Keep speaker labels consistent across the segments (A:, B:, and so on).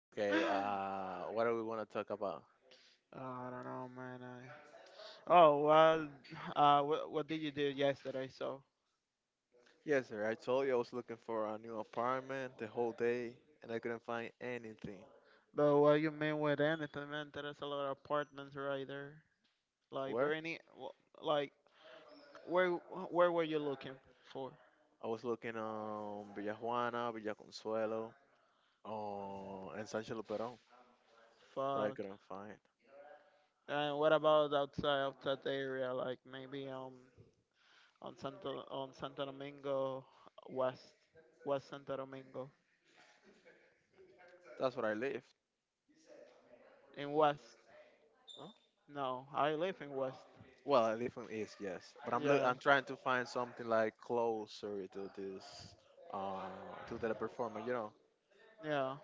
A: okay, what do we want to talk about?
B: Oh, I don't know, man. Oh well, what did you do yesterday? So,
A: Yes, sir. I told you I was looking for a new apartment the whole day and I couldn't find anything.
B: but what you mean with anything, man? There's a lot of apartments right there. Like,
A: Where?
B: Bernie, like, where where were you looking for?
A: I was looking on Villa Juana, Villa Consuelo, and Sancho Luperón, but I
B: Fuck.
A: couldn't find.
B: And what about outside of that area? Like maybe on Santo Domingo West, West Santo Domingo
A: That's where I live.
B: in West.
A: Huh?
B: No, I live in West.
A: Well, I live in East, yes, but I'm look.
B: Yeah,
A: I'm trying to find something like closer to this, to the performer.
B: yeah.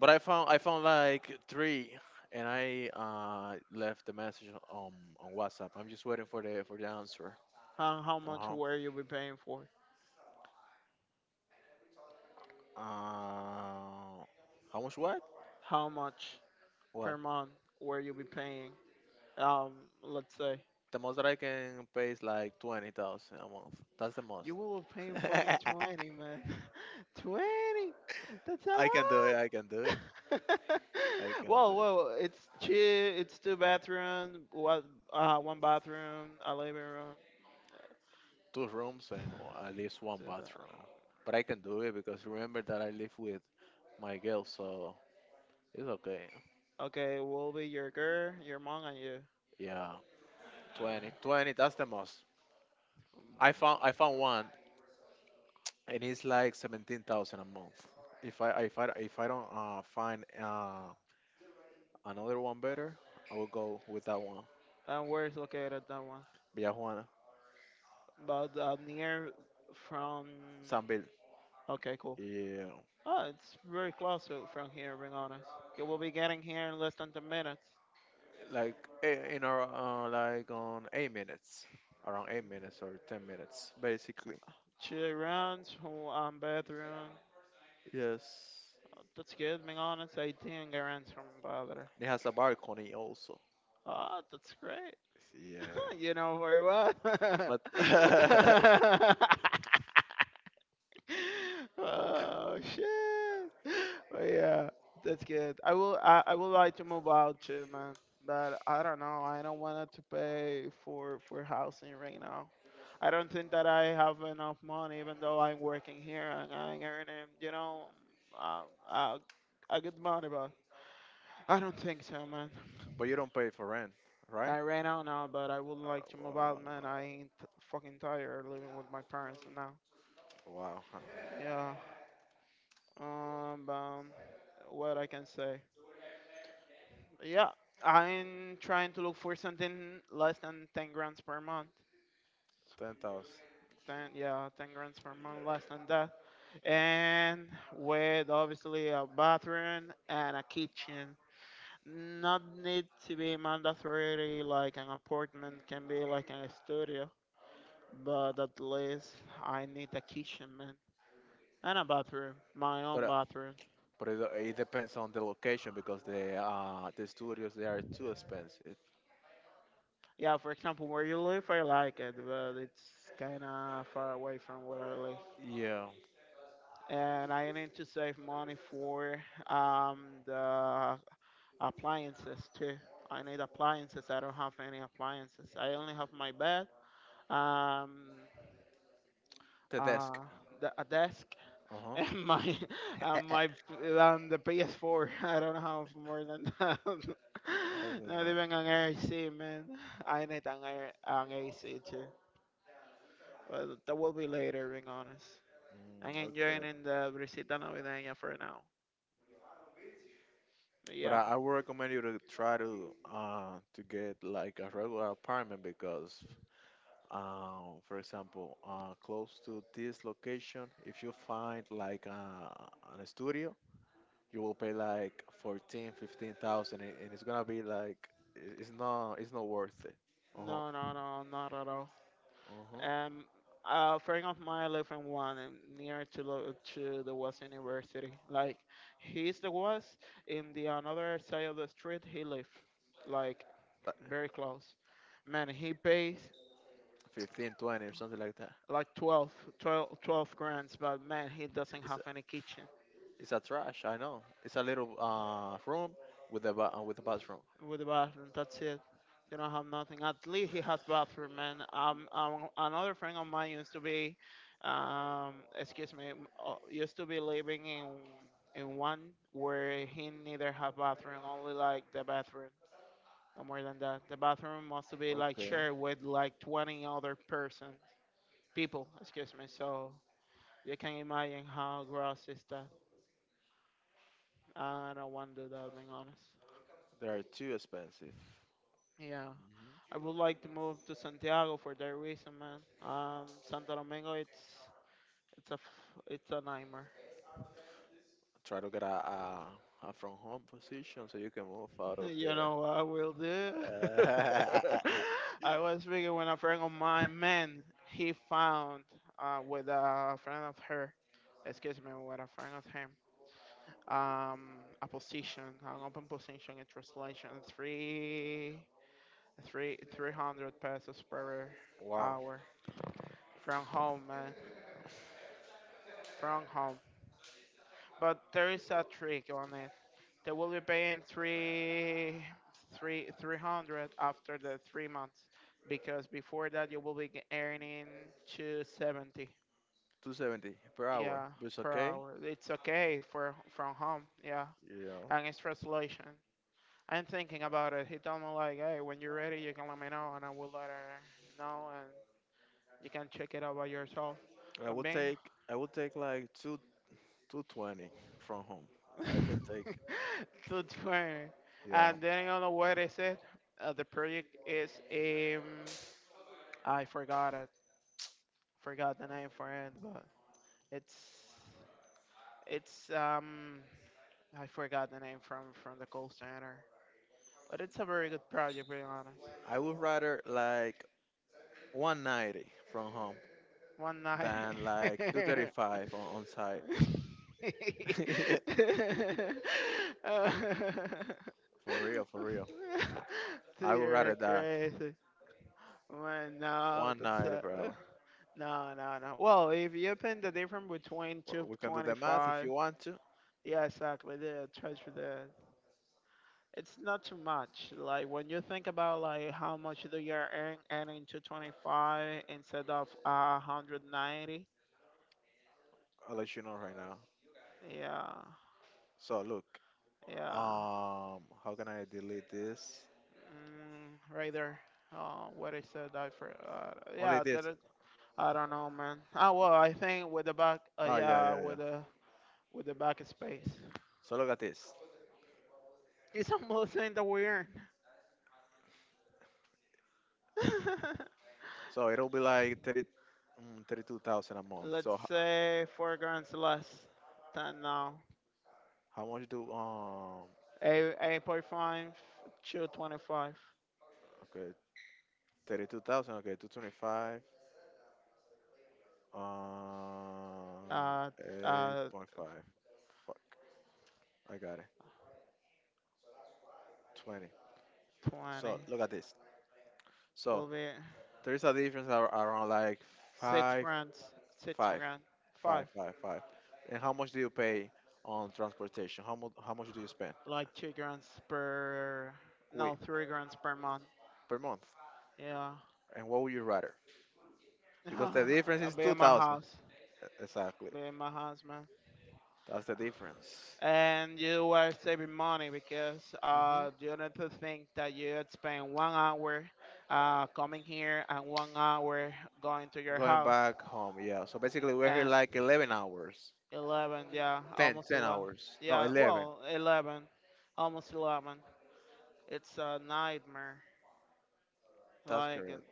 A: But I found like three, and I left the message on WhatsApp. I'm just waiting for the answer.
B: How much
A: Uh-huh.
B: were you be paying for?
A: Uh, how much? What?
B: How much
A: What?
B: per month were you be paying? Um, let's say
A: The most that I can pay is like 20,000 a month. That's the most.
B: you will be paying fucking 20, man. 20 That's a
A: I can do it. I can do
B: lot.
A: it. I can do
B: well,
A: it.
B: well, it's two, bathroom. What? One bathroom, a living room.
A: Two rooms and at least one
B: Two
A: bathroom.
B: ba-
A: But I can do it because remember that I live with my girl, so it's okay.
B: okay, will be your girl, your mom, and you.
A: Yeah, 20, 20. That's the most. I found one and it's like 17,000 a month. If I don't find another one better, I will go with that one.
B: And where is located that one?
A: Villa Juana,
B: But near from.
A: San Bill.
B: Okay, cool.
A: Yeah,
B: Oh, it's very close from here, being honest. You will be getting here in less than 10 minutes.
A: like in our like on 8 minutes, around 8 minutes or 10 minutes, basically.
B: Two rounds, one bathroom.
A: Yes,
B: Oh, that's good, being honest. 18 rounds from bother.
A: it has a balcony also.
B: Oh, that's great.
A: Yeah,
B: You know very well.
A: but
B: Oh, shit. But yeah, that's good. I will. I would like to move out too, man. But I don't know. I don't want to pay for housing right now. I don't think that I have enough money, even though I'm working here and I'm earning, uh, uh, a good money, but I don't think so, man.
A: but you don't pay for rent, right?
B: I ran out now, but I would like to move out,
A: Wow,
B: man. I ain't fucking tired living with my parents now.
A: wow, huh,
B: Yeah. Um, um, what I can say? Yeah, I'm trying to look for something less than 10 grams per month.
A: 10,000.
B: 10, yeah, 10 grams per month, less than that. And with obviously a bathroom and a kitchen. Not need to be mandatory like an apartment can be like a studio, but at least I need a kitchen, man, and a bathroom, my
A: But
B: own bathroom.
A: but it depends on the location because the studios they are too expensive.
B: Yeah, for example, where you live, I like it, but it's kind of far away from where I live.
A: Yeah,
B: And I need to save money for um, the appliances too. I need appliances. I don't have any appliances. I only have my bed, um,
A: the
B: uh,
A: desk.
B: a desk,
A: Uh huh.
B: and my and my and the PS4. I don't have more than that.
A: I mean,
B: Not
A: like,
B: even an AC, man. I need an AC too. But that will be later, being honest. I'm enjoying
A: okay.
B: the brisita navideña for now. But
A: But
B: yeah,
A: I would recommend you to try to get like a regular apartment because for example close to this location if you find like an studio you will pay like 14-15 thousand and it's gonna be like it's not worth it. Uh
B: no,
A: huh.
B: no, no, not at all.
A: Uh-huh.
B: Um, a friend of mine live in one and near to the West University. Like he's the West, in the another side of the street he live, like
A: But
B: very close. Man, he pays
A: 15, 20 or something like that.
B: like twelve grands, but man, he doesn't
A: It's
B: have
A: a,
B: any kitchen.
A: it's a trash, I know. It's a little room with a bathroom.
B: With the bathroom. That's it. You don't have nothing. At least he has bathroom, man. Another friend of mine excuse me, used to be living in one where he neither have bathroom, only like the bathroom. No more than that. The bathroom must be like
A: Okay.
B: shared with like 20 other person, people, excuse me. So you can imagine how gross is that. I don't want to do that, being honest.
A: They are too expensive.
B: Yeah,
A: Hmm.
B: I would like to move to Santiago for that reason, man. Santo Domingo, it's a nightmare.
A: Try to get a from home position so you can move out of
B: You
A: there.
B: know what I will do?
A: Uh,
B: I was speaking with a friend of mine, man. He found with a friend of her, excuse me, with a friend of him, um, a position, an open position in translation, three hundred pesos per
A: wow,
B: hour from home, man, from home. But there is a trick on it. They will be paying three hundred after the 3 months, because before that you will be earning 270.
A: 270 per hour.
B: Yeah,
A: It's
B: per
A: okay.
B: hour. It's okay for from home. Yeah,
A: Yeah.
B: and it's translation. I'm thinking about it. He told me like, hey, when you're ready, you can let me know, and I will let her know, and you can check it out by yourself.
A: I
B: But
A: would
B: man,
A: take I would take like two 220 from home. I can take.
B: to 20.
A: Yeah.
B: And then I don't know what is it. The project is I forgot it. Forgot the name for it, but it's it's I forgot the name from the call center. But it's a very good project, being honest.
A: I would rather like 190 from home
B: One night.
A: than like 235 on site. Yeah, for real, for real. I would
B: You're
A: rather die
B: crazy. Well, no, that's
A: 190 per hour.
B: no, no, no. Well, if you open the difference between
A: Well,
B: two
A: We can do the math if you
B: twenty-five,
A: want to.
B: yeah, exactly. The charge for the it's not too much. Like when you think about like how much do you earning 225 instead of 190.
A: I'll let you know right now.
B: Yeah,
A: So look,
B: yeah.
A: how can I delete this?
B: Mm, right there. Oh, what I said, I for
A: Only
B: yeah. That
A: this.
B: is, I don't know, man. Ah, well, I think with the back,
A: Ah, yeah,
B: yeah,
A: yeah,
B: with
A: yeah.
B: the with the back space.
A: So look at this.
B: It's almost in the weird.
A: So it'll be like 30, 32,000 a month.
B: Let's
A: So
B: say 4 grams less than now.
A: how much do?
B: Eight, 8.5 to 25.
A: Okay, 32,000. Okay, 225. Uh,
B: Uh, uh,
A: 8.5. Fuck, I got it. 20.
B: 20.
A: So look at this. So
B: Will be
A: there is a difference around like
B: six
A: five,
B: grams. Six
A: five,
B: grand.
A: five,
B: Five.
A: five, five. And how much do you pay on transportation? How much? How much do you spend?
B: Like 2 grams per.
A: Wait,
B: No, 3 grams per month.
A: per month.
B: Yeah.
A: And what would you rather? Because the difference
B: I'll
A: is
B: be in my
A: 2,000.
B: house.
A: Exactly.
B: Be in my house, man.
A: That's the difference.
B: And you are saving money because
A: Hmm.
B: you need to think that you spend 1 hour coming here and 1 hour going to your
A: Going
B: house.
A: back home, yeah. So basically, we're here
B: And
A: like 11 hours.
B: 11, yeah,
A: Ten,
B: almost
A: ten
B: 11.
A: hours. No,
B: Yeah,
A: 11.
B: well, 11, almost 11. It's a nightmare.
A: That's
B: Like, it
A: correct.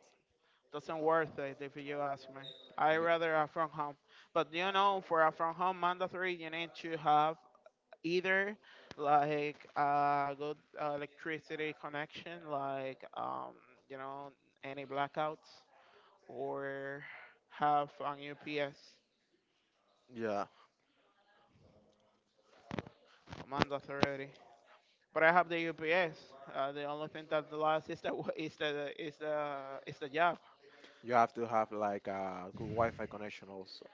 B: doesn't worth it if you ask me. I rather a from home. But you know, for a from home mandatory, you need to have either like good electricity connection like you know any blackouts or have an UPS
A: Yeah,
B: mandatory. But I have the UPS. The only thing that lasts is the is the job.
A: you have to have like a good Wi-Fi connection also.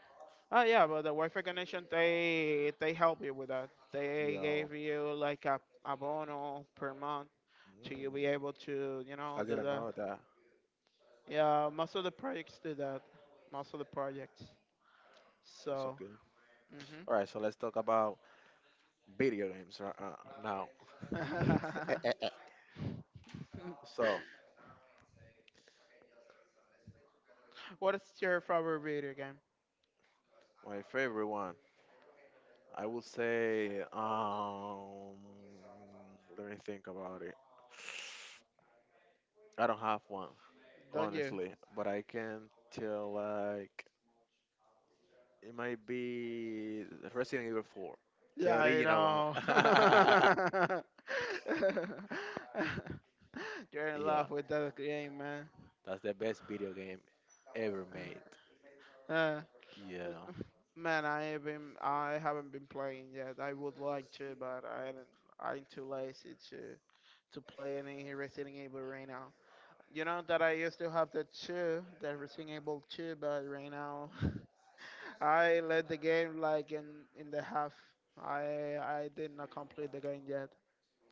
B: Oh yeah, but the Wi-Fi connection, they help you with that. They
A: Yeah,
B: gave you like a bono per month to you be
A: mm,
B: able to
A: I
B: do
A: didn't
B: that.
A: know that.
B: Yeah, most of the projects do that. Most of the projects.
A: It's
B: So,
A: okay.
B: mhm.
A: All right, so let's talk about video games right, now. So
B: What is your favorite video game?
A: my favorite one, I would say, let me think about it. I don't have one,
B: Don't you?
A: honestly, but I can tell like it might be Resident Evil 4,
B: Yeah,
A: the
B: I
A: original one.
B: know. You're in
A: Yeah.
B: love with that game, man.
A: That's the best video game ever made.
B: Uh,
A: Yeah.
B: man, I haven't been playing yet. I would like to, but I didn't, I'm too lazy to play any Resident Evil right. You know that I used to have the two, the reasonable two, but right now I led the game like in the half. I did not complete the game yet.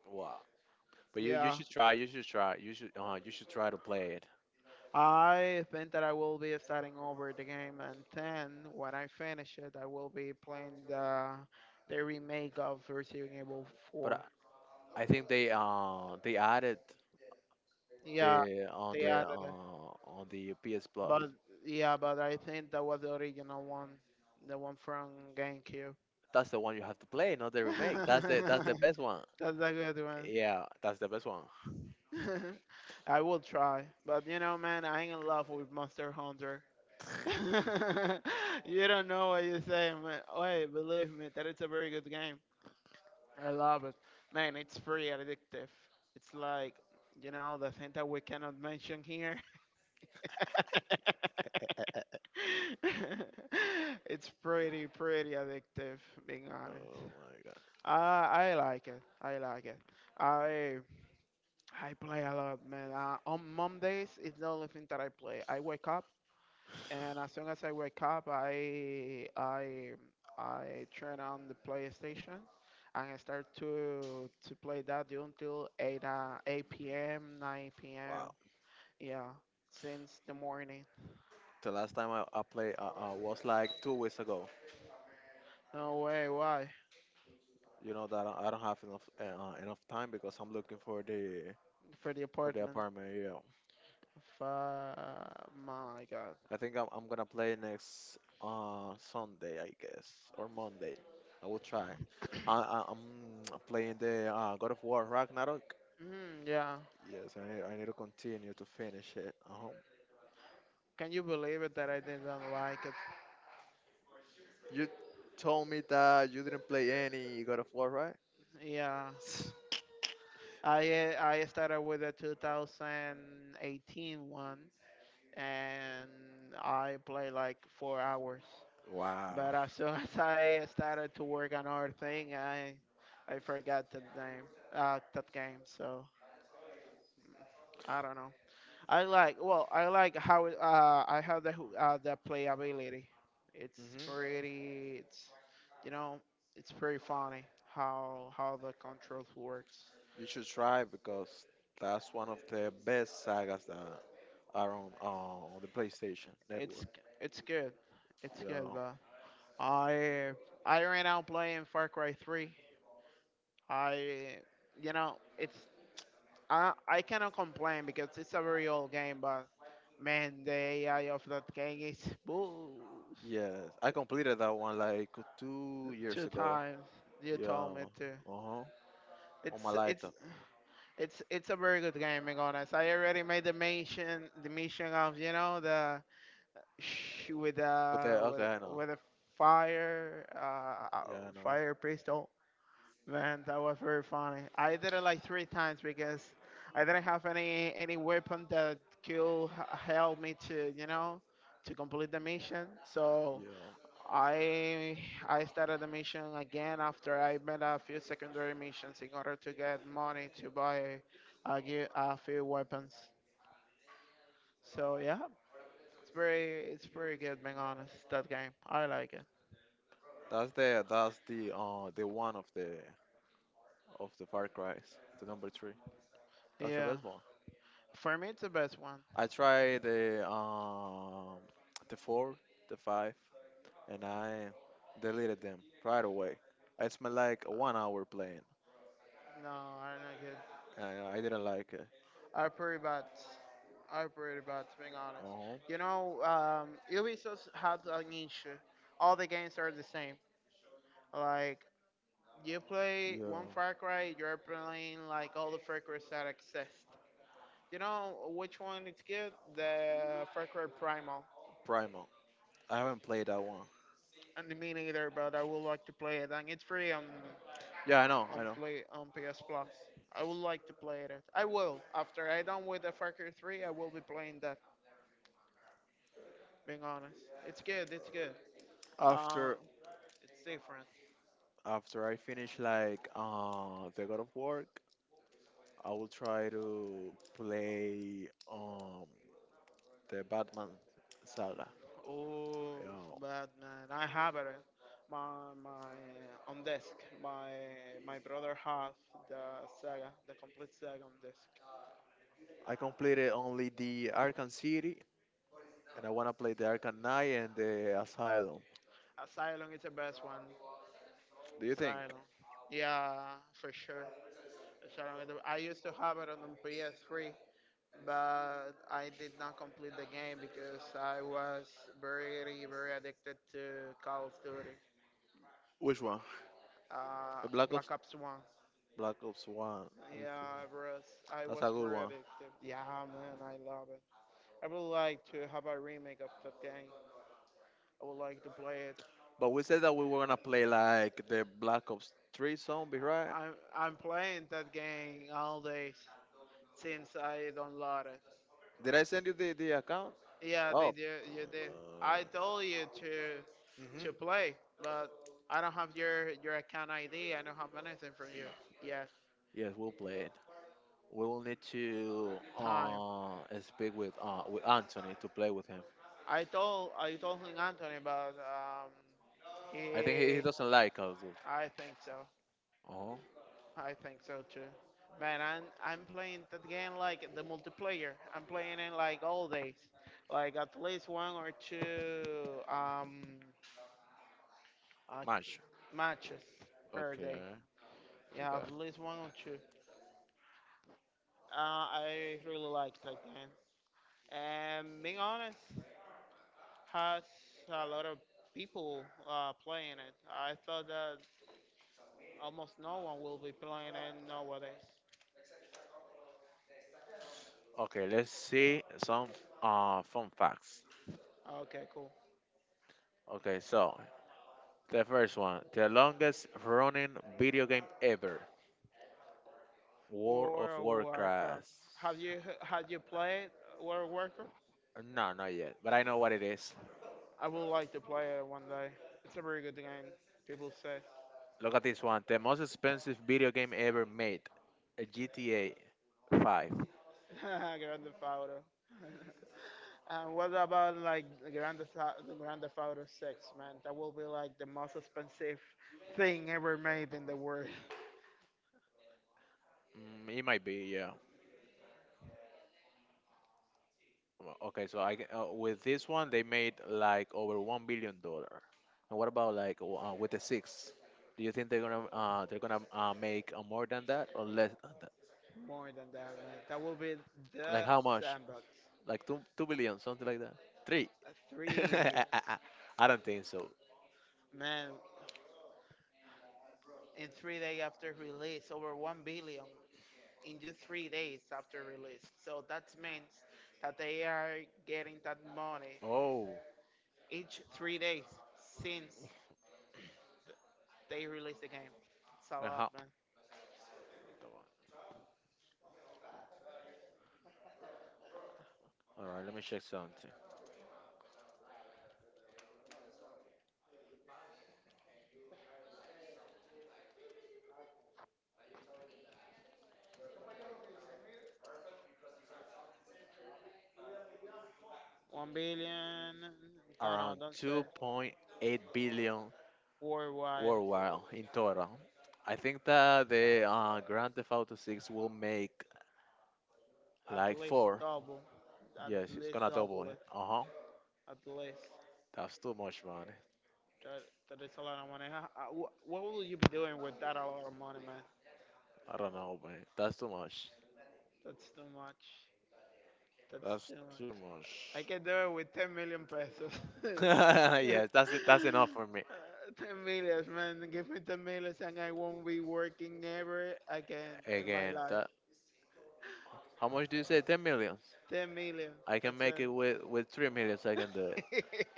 A: Wow. But you
B: Yeah,
A: should try. You should try. You should try to play it.
B: I think that I will be starting over the game, and then when I finish it, I will be playing the remake of Resident Evil
A: But
B: 4.
A: I think they added
B: Yeah,
A: the on
B: they
A: the
B: added it,
A: on the PS Plus.
B: but yeah, but I think that was the original one, the one from GameCube.
A: That's the one you have to play, not the remake. That's the best one.
B: That's a good one.
A: Yeah, that's the best one.
B: I will try, but you know, man, I'm in love with Monster Hunter. You don't know what you're saying, man. Wait, believe me, that it's a very good game. I love it, man. It's pretty addictive. It's like, the thing that we cannot mention here. It's pretty, pretty addictive, being honest.
A: Oh my god.
B: I like it. I like it. I I play a lot, man. On Mondays, it's the only thing that I play. I wake up, and as soon as I wake up, I turn on the PlayStation, and I start to play that until 8 8 p.m. 9 p.m.
A: Wow.
B: Yeah, since the morning.
A: The last time I played was like 2 weeks ago.
B: No way, why?
A: You know that I don't have enough time because I'm looking
B: For the
A: for the
B: apartment.
A: apartment. Yeah.
B: Fuck, my God.
A: I think I'm gonna play next Sunday, I guess, or Monday. I will try. I'm playing the God of War Ragnarok.
B: Mm, yeah.
A: Yes, I need to continue to finish it. Uh-huh.
B: Can you believe it that I didn't like it?
A: You told me that you didn't play any God of War, right?
B: Yeah. I started with the 2018 one, and I played like 4 hours.
A: Wow.
B: But as soon as I started to work on other thing, I forgot the name that game. So I don't know. I like well, I like how it, I have the playability. It's
A: Hmm.
B: pretty. It's you know it's pretty funny how the controls works.
A: You should try because that's one of the best sagas that are on the PlayStation Network.
B: It's it's good. It's good,
A: Yeah.
B: but. I I ran out playing Far Cry 3. I you know it's I cannot complain because it's a very old game, but man, the AI of that game is booze.
A: Yes, I completed that one like two
B: Two
A: years ago.
B: times you
A: Yeah.
B: told me to.
A: Uh-huh. On my
B: It's it's
A: lighter.
B: it's a very good game. Being honest, I already made the mission of the with
A: But
B: the
A: the
B: with
A: okay, I know.
B: with a fire uh uh,
A: Yeah, I know.
B: fire pistol. Man, that was very funny. I did it like three times because I didn't have any weapon that could help me to to complete the mission. So
A: Yeah.
B: I I started the mission again after I made a few secondary missions in order to get money to buy a few weapons. So yeah, it's pretty good being honest. That game I like it.
A: That's the one of the Far cries. The number three. That's the
B: Yeah,
A: best one.
B: for me it's the best one.
A: I tried the four, the five, and I deleted them right away. I spent like 1 hour playing,
B: No, I'm not good.
A: and I didn't like it.
B: I pretty bad. I pretty bad, to be honest.
A: Uh-huh.
B: Ubisoft has an issue. All the games are the same. Like, you play one
A: Yeah.
B: Far Cry, you're playing like all the Far Cry's that exist. You know which one is good? The Far Cry Primal.
A: Primal. I haven't played that one.
B: And me neither, but I would like to play it. And it's free
A: Yeah, I know,
B: on
A: I know.
B: play on PS Plus. I would like to play it. I will. After I done with the Far Cry 3, I will be playing that. Being honest, it's good. It's good. Uh,
A: After
B: it's different.
A: after I finish like the God of Work, I will try to play the Batman saga.
B: Oh,
A: Yeah.
B: but man, I have it. Eh? My on disk. My my brother has the saga, the complete saga on disk.
A: I completed only the Arkham City and I wanna play the Arkham Knight and the Asylum.
B: Asylum is the best one.
A: Do you think?
B: Asylum. Yeah, for sure. Asylum is the- I used to have it on the PS3, but I did not complete the game because I was very addicted to Call of Duty.
A: Which one?
B: Uh,
A: The Black Ops
B: Black Ops 1.
A: One. Okay.
B: Yeah, bros. I
A: That's a
B: was
A: good
B: very
A: one.
B: addictive. Yeah, man, I love it. I would like to have a remake of that game. I would like to play it.
A: But we said that we were gonna play like the Black Ops 3 zombie, right?
B: I'm playing that game all days since I downloaded.
A: Did I send you the account?
B: Yeah,
A: Oh.
B: they did.
A: Uh,
B: You did. I told you to
A: mhm.
B: to play, but I don't have your account ID. I don't have anything from you yet.
A: Yes, we'll play it. We will need to
B: Time.
A: speak with Anthony to play with him.
B: I told him Anthony, but
A: I think he
B: he.
A: doesn't like Call of Duty.
B: I think so.
A: Oh,
B: I think so too. Man, I'm playing that game like the multiplayer. I'm playing it like all days, like at least one or two uh,
A: match.
B: matches per day.
A: Okay, I
B: Yeah, at
A: got.
B: least one or two. I really like that game. And being honest, has a lot of people playing it. I thought that almost no one will be playing it nowadays.
A: Okay, let's see some fun facts.
B: Okay, cool.
A: Okay, so the first one, the longest running video game ever, World of
B: World of Warcraft.
A: Warcraft.
B: Have you had you played World of Warcraft?
A: No, not yet, but I know what it is.
B: I would like to play it one day. It's a very good game. People say.
A: Look at this one, the most expensive video game ever made, a GTA 5.
B: Grand Theft Auto. And what about like the the Grand Theft Auto 6, man? That will be like the most expensive thing ever made in the world.
A: It might be, yeah. Well, Okay, so with this one they made like over $1 billion. And what about like with the six? Do you think they're gonna make more than that or less than that?
B: More than that, man. That will be
A: Like
B: the
A: how much?
B: sandbox.
A: Like two billion, something like that. Three.
B: A Three,
A: I don't think so.
B: man. In three days after release, over 1 billion. In just three days after release. So that means that they are getting that money
A: Oh,
B: each three days since they release the game. It's a
A: and
B: lot,
A: how?
B: man.
A: All right, let me check something.
B: 1 billion, no, no,
A: Around
B: don't say
A: 2.8 billion
B: worldwide.
A: worldwide in total. I think that the Grand Theft Auto 6 will make
B: At
A: like
B: least
A: four.
B: double, at
A: Yes, it's
B: least
A: gonna double
B: double
A: it.
B: it,
A: Uh huh.
B: at least.
A: That's too much, man.
B: That, that is a lot of money. What will you be doing with that a lot of money, man?
A: I don't know, man. That's too much.
B: That's too much. That's too
A: That's
B: much.
A: too
B: I
A: much.
B: can do it with 10 million pesos. uh,
A: yes, that's it. That's enough for me.
B: 10 millions, man. Give me 10 millions and I won't be working ever again in my
A: Again,
B: life.
A: that, how much do you say? 10 millions.
B: 10 millions.
A: I can
B: That's
A: make
B: it.
A: it with three millions. I can do it.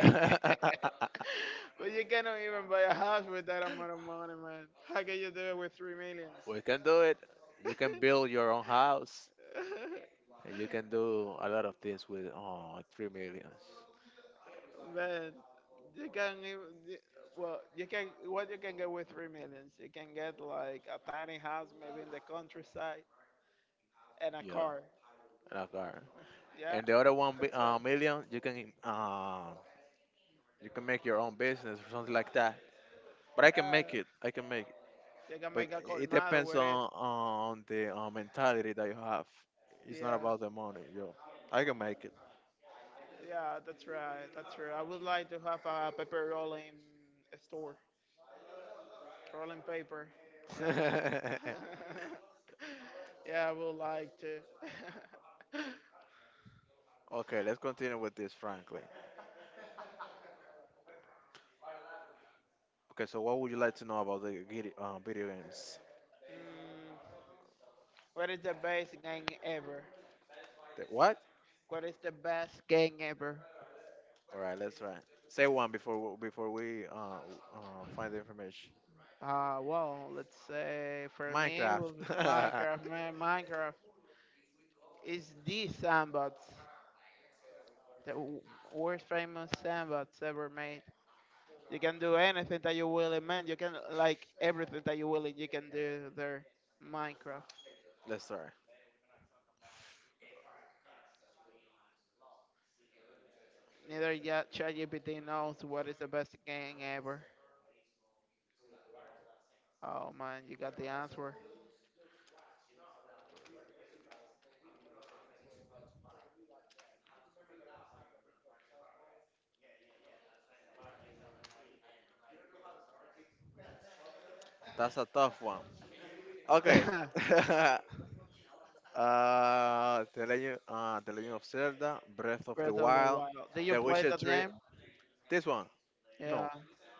B: But you cannot even buy a house with that amount of money, man. How can you do it with 3 millions?
A: we can do it. You can build your own house, and you can do a lot of things with three millions.
B: Man, you can even. You- Well, you can get with three millions. You can get like a tiny house, maybe in the countryside, and a
A: Yeah,
B: car.
A: and a car.
B: Yeah,
A: And the other one
B: that's it.
A: million, you can make your own business or something like that. But I can make
B: Uh,
A: it. I can make it.
B: They can
A: But
B: make a
A: it
B: colmado
A: depends
B: with it.
A: on the mentality that you have. It's not
B: Yeah,
A: about the money, yo. I can make it.
B: yeah, that's right. That's right. I would like to have a paper rolling store, rolling paper. Yeah. Yeah, I would like to.
A: okay, let's continue with this, frankly. Okay, so what would you like to know about the video games?
B: mm, what is the best game ever?
A: The what?
B: What is the best game ever?
A: All right, let's try. Say one before we find the information.
B: Well, let's say for me, will
A: Minecraft.
B: be Minecraft. Man, Minecraft is the sandbox, the worst famous sandbox ever made. You can do anything that you will in man. You can like everything that you can do there. Minecraft.
A: let's try.
B: Neither yet ChatGPT knows what is the best game ever. Oh man, you got the answer.
A: That's a tough one. Okay. The Legend of Zelda, Breath of the
B: Breath of the
A: Wild,
B: Wild. Did you
A: The
B: play
A: Witcher
B: that
A: 3.
B: game?
A: This one,
B: Yeah.
A: no,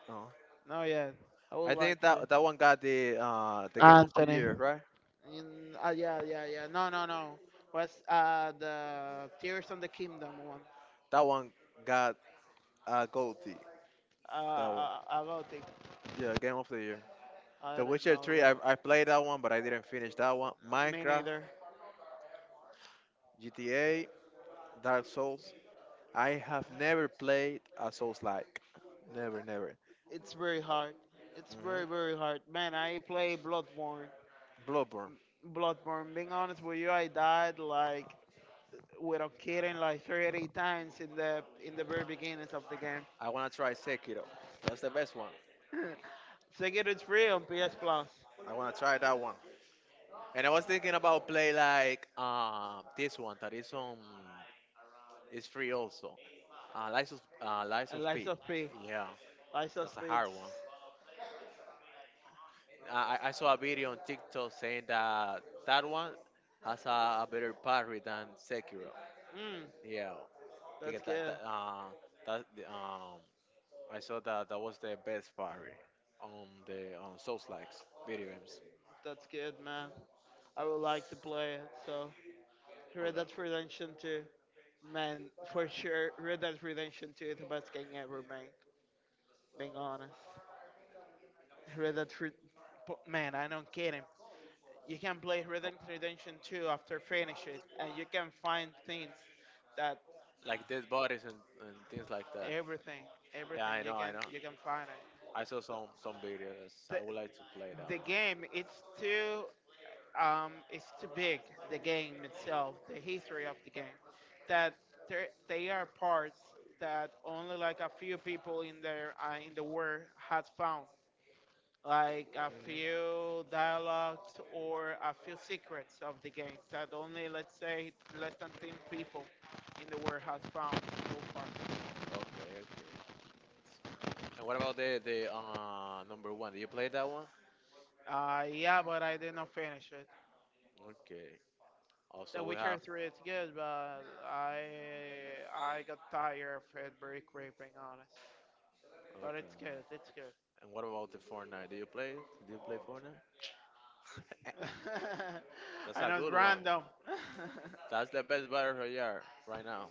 A: no.
B: No yeah. I
A: I
B: would like
A: think
B: to.
A: that that one got the Game of the
B: Anthony.
A: Year, right?
B: Yeah, yeah, yeah. No, no, no. What's the Tears of the Kingdom one?
A: That one got Goldie. That one,
B: About it.
A: yeah, Game of the Year.
B: I
A: The
B: don't
A: Witcher
B: know.
A: 3, I played that one, but I didn't finish that one.
B: Yeah. Me
A: Minecraft,
B: neither.
A: GTA, Dark Souls. I have never played a Souls-like, never, never.
B: It's very hard. It's
A: hmm
B: very hard. Man, I play Bloodborne.
A: Bloodborne.
B: Bloodborne. Being honest with you, I died like without kidding like 30 times in the very beginnings of the game.
A: I wanna try Sekiro. That's the best one.
B: Sekiro is free on PS Plus.
A: I wanna try that one. And I was thinking about play like this one that is on is free also. Lies of
B: And Lies
A: P.
B: of P.
A: Yeah,
B: Lies of
A: that's a
B: P.
A: hard
B: It's,
A: one. I saw a video on TikTok saying that that one has a better parry than Sekiro.
B: mm,
A: Yeah, they
B: that's
A: get that
B: good.
A: that that the, I saw that that was the best parry on the on Souls likes video games.
B: That's good, man. I would like to play it. So Red
A: Okay.
B: Dead Redemption 2. Man, for sure, Red Dead Redemption 2 is the best game ever made. Being honest. Red Dead Red- but man, I don't get him. You can play Red Dead Redemption 2 after finish it, and you can find things that
A: Like dead bodies and things like that.
B: everything,
A: Yeah,
B: everything
A: I know, I know.
B: you can find it.
A: I saw some videos.
B: The
A: I would like to play that
B: the
A: one.
B: game it's too um it's too big. The game itself, the history of the game, that there they are parts that only like a few people in there in the world had found like a few dialogues or a few secrets of the game that only let's say less than 10 people in the world has found so far.
A: Okay, okay. And what about the number one? Do you play that one?
B: Yeah, but I did not finish it.
A: Okay.
B: The
A: Also, we
B: Witcher
A: have.
B: 3 is good but i I got tired of it very quick being honest, but
A: Okay.
B: it's good, it's good.
A: And what about the Fortnite? Do you play it? Do you play Fortnite? That's
B: I
A: a
B: know it's
A: good one.
B: random.
A: That's the best battle royale right now.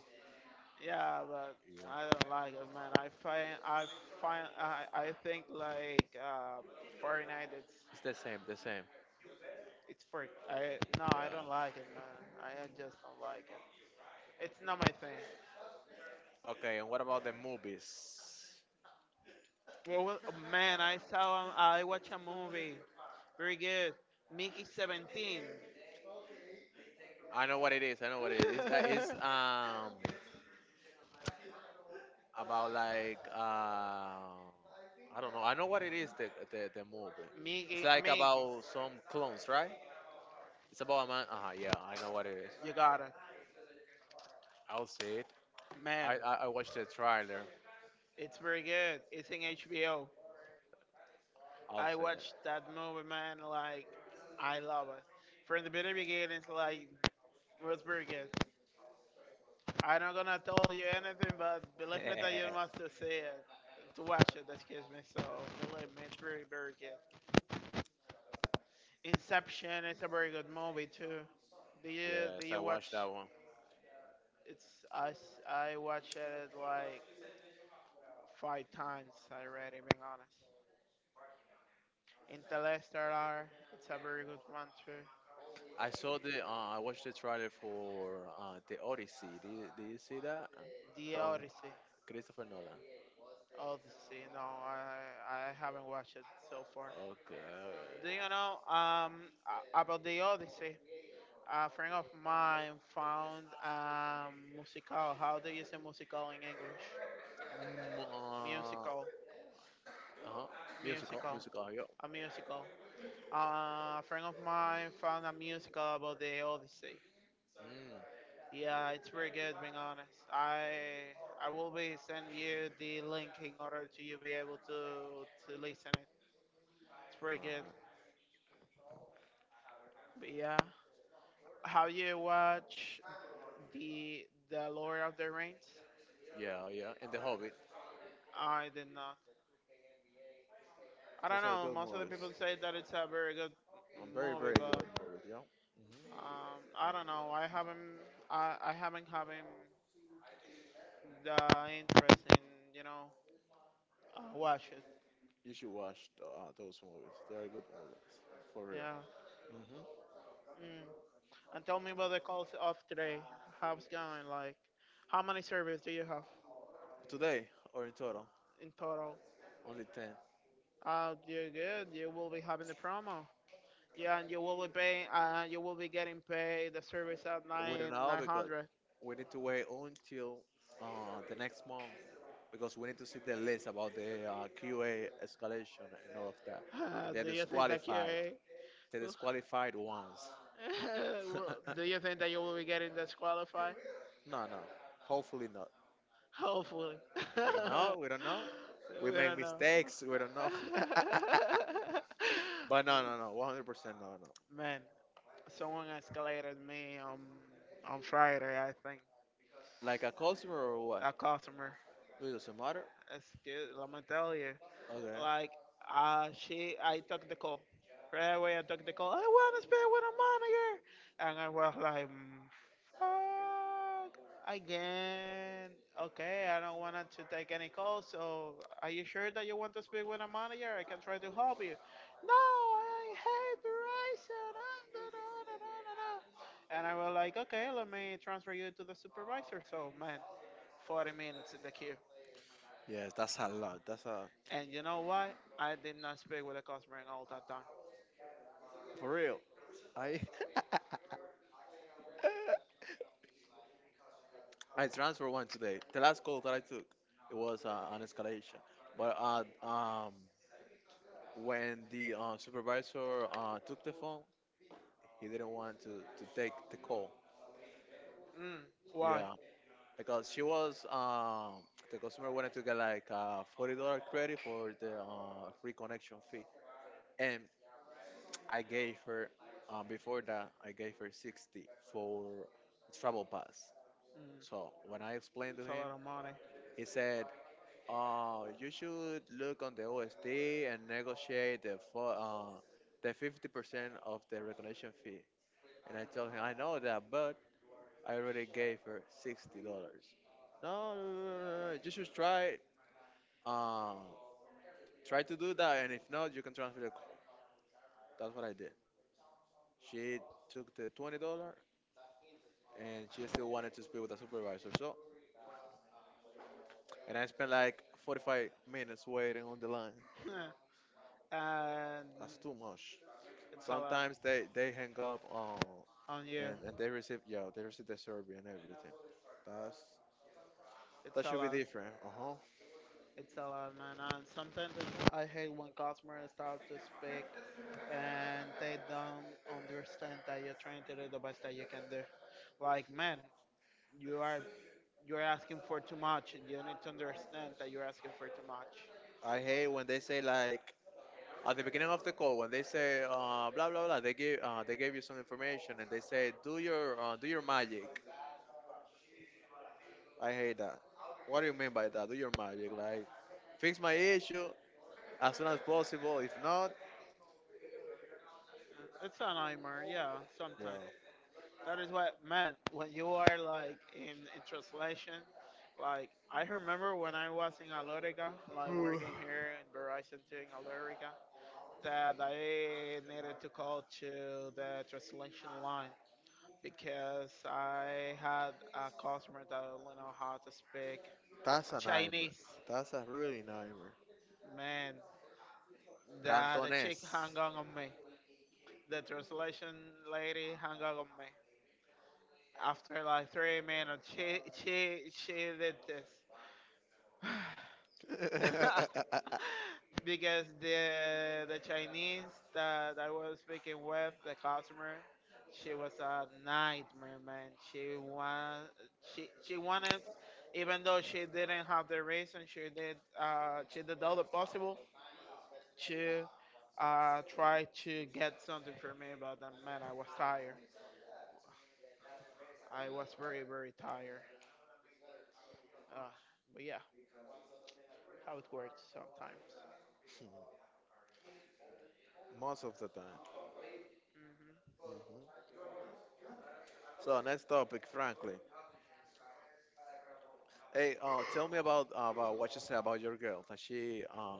B: Yeah, but
A: Yeah.
B: I don't like it, man. I find I find I think like Fortnite.
A: It's the same, the same.
B: It's for I No, I
A: Yeah.
B: don't like it, man. I just don't like it. It's not my thing.
A: Okay, and what about the movies?
B: Well, well, oh, man, I saw I watched a movie. Very good. Mickey 17.
A: I know what it is. I know what it is. It's about I don't know. I know what it is. The movie. It's
B: Mickey,
A: like
B: Mickey,
A: about some clones, right? It's about a man. Uh huh. Yeah, I know what it is.
B: you got it,
A: I'll see it.
B: man.
A: I watched the trailer.
B: It's very good. It's in HBO.
A: I'll
B: I
A: see it.
B: watched that movie, man. Like, I love it. From the very beginning, like, it was very good. I'm not gonna tell you anything, but believe me that you must to see it, to watch it. Excuse me. So believe me, it's very, very good. Inception is a very good movie too. Do you
A: Yes,
B: do
A: I
B: you watch?
A: watched that one.
B: It's I watched it like five times already. Being honest. Interstellar, it's a very good one too.
A: I saw the I watched the trailer for the Odyssey. Did you see that
B: The
A: from
B: Odyssey.
A: Christopher Nolan?
B: Oh, the sea. No, I haven't watched it so far.
A: Okay.
B: Do you know about the Odyssey? A friend of mine found musical. How do you say musical in English?
A: Mm,
B: Musical,
A: uh-huh. Musical,
B: musical,
A: musical, yeah.
B: a musical. A friend of mine found a musical about the Odyssey.
A: Mm,
B: Yeah, it's very good. Being honest, I will be sending you the link in order to you be able to listen it. It's very good.
A: uh,
B: But yeah. Have you watched the Lord of the Rings?
A: yeah, yeah. And The Hobbit.
B: I did not. I don't
A: Those are
B: know.
A: good
B: Most of the
A: movies.
B: people say that it's a very good
A: Very,
B: movie,
A: very
B: but
A: good movies, yeah. Hmm.
B: I don't know. I haven't having the interest in you know watch it.
A: You should watch those movies. They are good movies, for real.
B: Yeah.
A: Hmm.
B: Mm. And tell me about the calls of today. How's going? Like, how many servers do you have
A: Today or in total?
B: in total?
A: Only 10.
B: Oh, you're good. You will be having the promo. Yeah, and you will be paying. You will be getting paid the service at
A: We don't know
B: nine
A: because
B: hundred.
A: we need to wait until the next month because we need to see the list about the QA escalation and all of that. And they're
B: Do you think that
A: disqualified.
B: you?
A: They
B: Well,
A: disqualified once.
B: well, do you think that you will be getting disqualified?
A: No, no. Hopefully not.
B: Hopefully.
A: We don't know. We don't know. We
B: We
A: make
B: don't know.
A: mistakes. We don't know. But no, no, no. 100% no, no.
B: Man, someone escalated me on Friday. I think
A: Like a customer or what?
B: a customer.
A: It doesn't matter.
B: It's good. Let me tell you.
A: Okay.
B: Like, she, I took the call. Right away, I took the call. I want to spend with a manager. And I was like, "Mm, fuck, again. Okay, I don't want to take any calls. So, are you sure that you want to speak with a manager? I can try to help you. No, I hate Verizon. Ah, da, da, da, da, da, da." And I was like, okay, let me transfer you to the supervisor. So, man, 40 minutes in the queue.
A: Yes, that's a lot. That's a.
B: And you know why? I did not speak with the customer in all that time.
A: For real. I I transferred one today. The last call that I took, it was an escalation. But when the supervisor took the phone, he didn't want to take the call.
B: Mm, why?
A: Yeah, because she was the customer wanted to get like a $40 credit for the free connection fee, and I gave her before that I gave her 60 for travel pass.
B: Mm,
A: So when I explained to
B: it's a
A: him,
B: lot of money.
A: he said, you should look on the OSD and negotiate the 50% of the recognition fee. And I told him, I know that, but I already gave her $60. No, no, no, no, no, no, you should uh, try to do that, and if not, you can transfer the. C-" That's what I did. She took the $20 and she still wanted to speak with a supervisor. So, and I spent like 45 minutes waiting on the line.
B: And
A: That's too much.
B: it's a lot
A: Sometimes they hang up on
B: on you.
A: and they receive, yeah, they receive the survey and everything. That's
B: It's
A: that
B: a
A: should be
B: lot.
A: different. Uh huh.
B: It's a lot, man. And sometimes it's- I hate when customers start to speak and they don't understand that you're trying to do the best that you can do. Like, man, you are you're asking for too much, and you need to understand that you're asking for too much.
A: I hate when they say like at the beginning of the call when they say blah blah blah they gave you some information and they say do your magic. I hate that. What do you mean by that? Do your magic like fix my issue as soon as possible. If not,
B: It's a nightmare, yeah,
A: yeah.
B: sometimes. That is what, man, when you are like in translation, like I remember when I was in Alorica, like working here in Verizon too in Alorica, that I needed to call to the translation line because I had a customer that don't know how to speak
A: That's a nightmare.
B: Chinese.
A: That's a really nightmare.
B: Man, the chick
A: Cantonese.
B: hung on me. The translation lady hung on me after like 3 minutes, she did this. Because the Chinese that I was speaking with, the customer, she was a nightmare, man. She wanted, even though she didn't have the reason, she did she did all the possible to try to get something for me, but man, I was tired. I was very tired. Uh, but yeah, how it works sometimes.
A: Most of the time.
B: Hmm.
A: Mhm. So next topic, Franklin. Hey, tell me about what you said about your girl.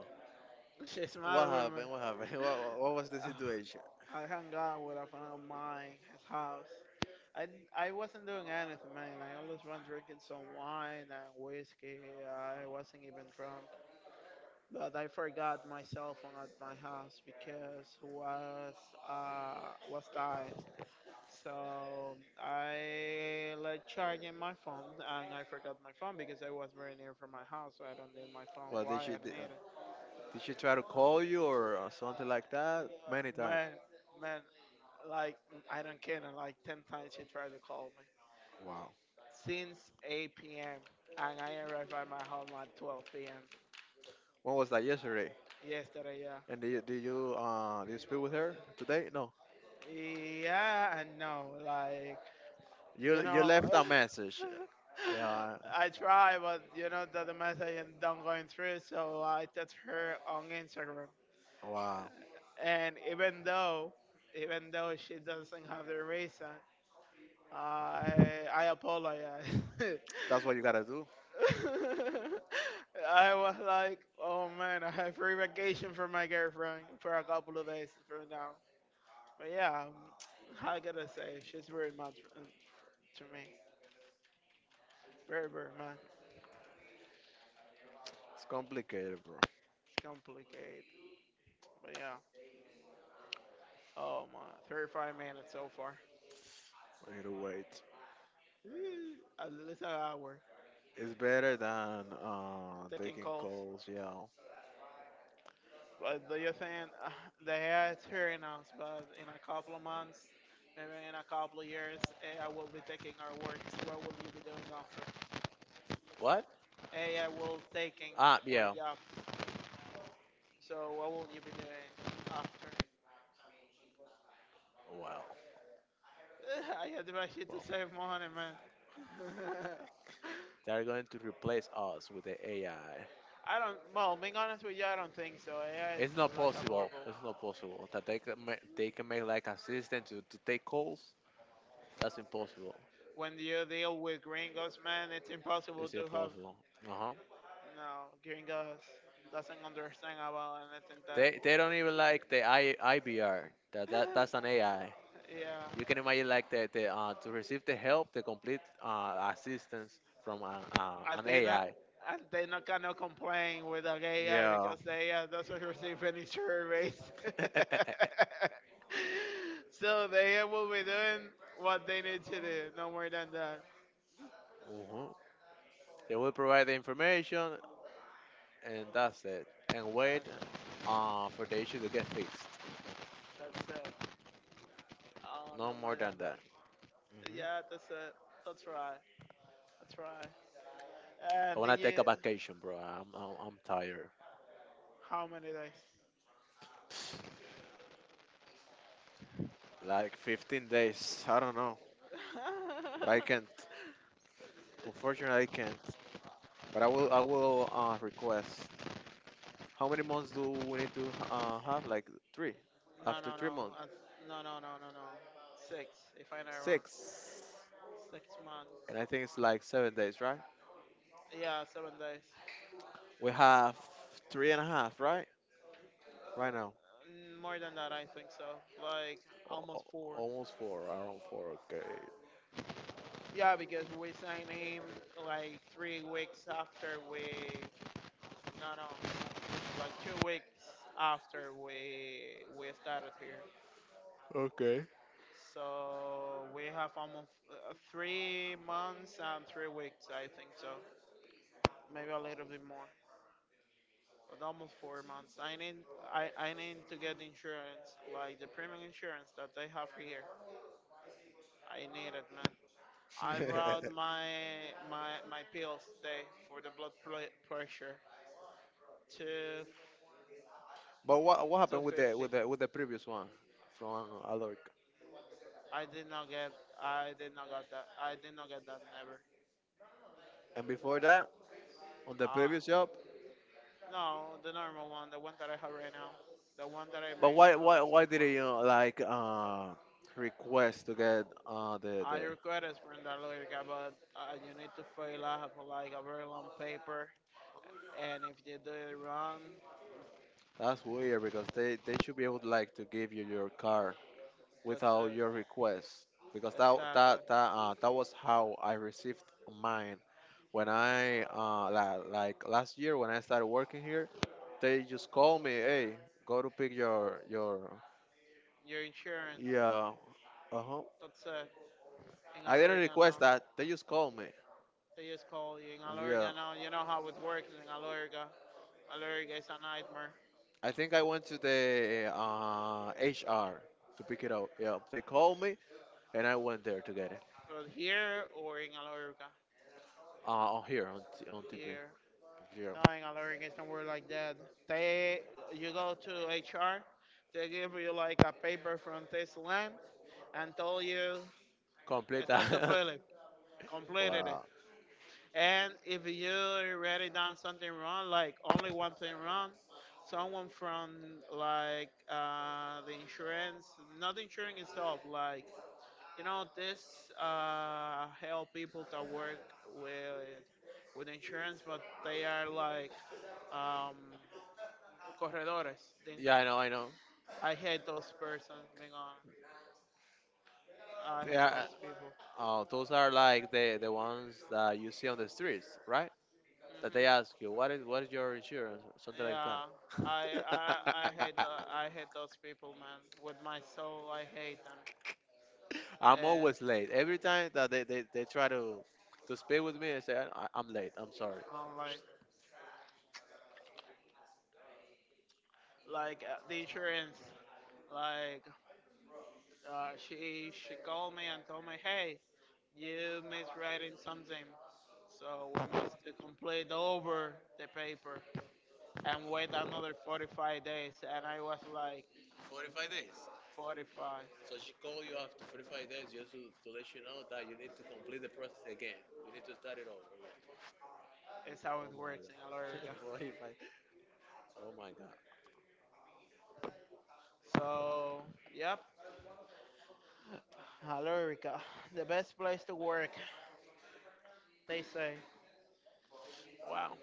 B: She
A: What
B: smiled with me.
A: happened? What happened? What was the
B: Uh,
A: situation?
B: I hung out with a friend of mine, his house. I, I wasn't doing anything, man. I always run drinking some wine and whiskey. I wasn't even drunk. But I forgot my cell phone at my house because was dying. So I like charging my phone and I forgot my phone because I was very near from my house, so I don't need my phone.
A: Well, did
B: Why I
A: she did, uh,
B: need it?
A: did she try to call you or something like that? Many times.
B: Man, man, like I don't care. Like ten times she tried to call me
A: Wow.
B: since 8 p.m. and I arrived at my home at 12 p.m.
A: When was that? Yesterday.
B: yesterday. Yeah,
A: And did you speak with her today? No.
B: yeah, I know. You
A: You
B: know,
A: left a message. Yeah.
B: I try, but you know that the message and don't going through. So I text her on Instagram,
A: Wow.
B: and even though she doesn't have the reason, I I apologize.
A: That's what you gotta do.
B: I was like, oh man, I have free vacation from my girlfriend for a couple of days from now. But yeah, how can I say? She's very much to me. Very, very much.
A: It's complicated, bro.
B: It's complicated. But yeah, oh my, 35 minutes so far.
A: We need to wait.
B: Ooh, at least an hour
A: It's better than
B: taking
A: taking
B: calls.
A: calls, yeah.
B: But do you think the A I is here in us? But in a couple of months, maybe in a couple of years, AI will be taking our works. What will you be doing after?
A: What?
B: AI will taking
A: Ah,
B: our
A: yeah.
B: job. So what will you be doing after?
A: Wow.
B: I had to rush it to
A: Well,
B: save money, man.
A: they're going to replace us with the AI.
B: I don't. Well, being honest with you, I don't think so. AI is
A: It's not
B: like
A: possible.
B: horrible.
A: It's not possible that they can make like assistant to take calls. That's impossible.
B: When you deal with gringos, man, it's impossible
A: It's
B: to have.
A: impossible. Uh huh.
B: No, gringos doesn't understand about anything that.
A: They don't even like the I IBR. That's an AI. You
B: Yeah.
A: can imagine like the to receive the help, the complete assistance from an
B: Athena,
A: AI.
B: Athena cannot complain with Agaya
A: Yeah.
B: because they doesn't receive any surveys. So they will be doing what they need to do, no more than that.
A: Mhm. They will provide the information, and that's it. And wait
B: That's,
A: for the issue to get fixed.
B: that's it. Oh, no
A: No
B: more
A: more
B: than
A: than
B: that.
A: that. Hmm.
B: Yeah, that's it. That's right. That's right.
A: I
B: And did
A: wanna
B: you?
A: take a vacation, bro. I'm tired.
B: How many days?
A: Psst, like 15 days. I don't know, but I can't. Unfortunately, I can't. But I will. I will request. How many months do we need to have? Like 3.
B: no,
A: After
B: no,
A: three
B: no.
A: months,
B: That's, no, no, no, no, no. Six, if I'm not wrong.
A: 6.
B: 6 months.
A: And I think it's like 7 days, right?
B: Yeah, 7 days.
A: We have 3.5, right? Right now,
B: Mm, more than that, I think so. Like
A: O-
B: almost four.
A: almost 4, around 4. Okay.
B: Yeah, because we signed him like 3 weeks after we. No, no, like 2 weeks after we started here.
A: Okay.
B: So we have almost 3 months and 3 weeks, I think so. Maybe a little bit more, but almost 4 months. I need to get insurance, like the premium insurance that they have here. I need it, man. I brought my my pills today for the blood pl- pressure to
A: But what happened with the
B: 250.
A: with the with the previous one from Aloric?
B: I did not get I did not get that never.
A: And before that, on the
B: Uh,
A: previous job.
B: no, the normal one, the one that I have right now, the one that I've
A: But
B: been
A: why why
B: having
A: why
B: so
A: did
B: far.
A: you know, like request to get the
B: I
A: the?
B: requested from the lawyer, but you need to fill up like a very long paper, and if you do it wrong,
A: That's weird because they should be able to, like, to give you your car
B: that's
A: without
B: it.
A: your request because that
B: Exactly.
A: that that uh, that was how I received mine when I like last year when I started working here. They just called me, hey, go to pick your,
B: Your insurance,
A: yeah, uh-huh.
B: that's it. In
A: I didn't
B: Alorga now.
A: request that, they just called me.
B: They just call you in
A: Yeah,
B: Alorga now. You know how it works in Alorga. Alorga is a nightmare.
A: I think I went to the HR to pick it up. Yeah, they called me and I went there to get it
B: But here or in Alorga?
A: uh on here on, TP,
B: Here.
A: yeah.
B: No, in Alorga it's not work like that. They, you go to HR, they give you like a paper from this land and told you, it's
A: Completa.
B: up to Philip. Completed it.
A: Wow.
B: And if you already done something wrong, like only one thing wrong, someone from like the insurance, not the insurance itself, like you know this help people that work with with insurance, but they are like um, corredores. The ins-
A: Yeah, I know, I know.
B: I hate those persons. Being honest, I hate
A: Yeah,
B: those people.
A: oh, those are like the ones that you see on the streets, right? That they
B: Mhm.
A: ask you, what is your insurance, or something like that.
B: Yeah, I I I hate the, I hate those people, man. With my soul, I hate them.
A: I'm
B: And
A: always late. Every time that they try to speak with me, I say I'm late. I'm sorry.
B: um, like like the insurance, like she called me and told me, hey, you miswriting something, so we must to complete over the paper and wait another 45 days. And I was like,
A: 45 days.
B: 45
A: So she called you after 45 days just to let you know that you need to complete the process again. You need to start it over again.
B: is how it
A: Oh my
B: works in
A: god.
B: America.
A: 45. Oh my God.
B: So yep, hello, Alorica, the best place to work, they say.
A: Wow.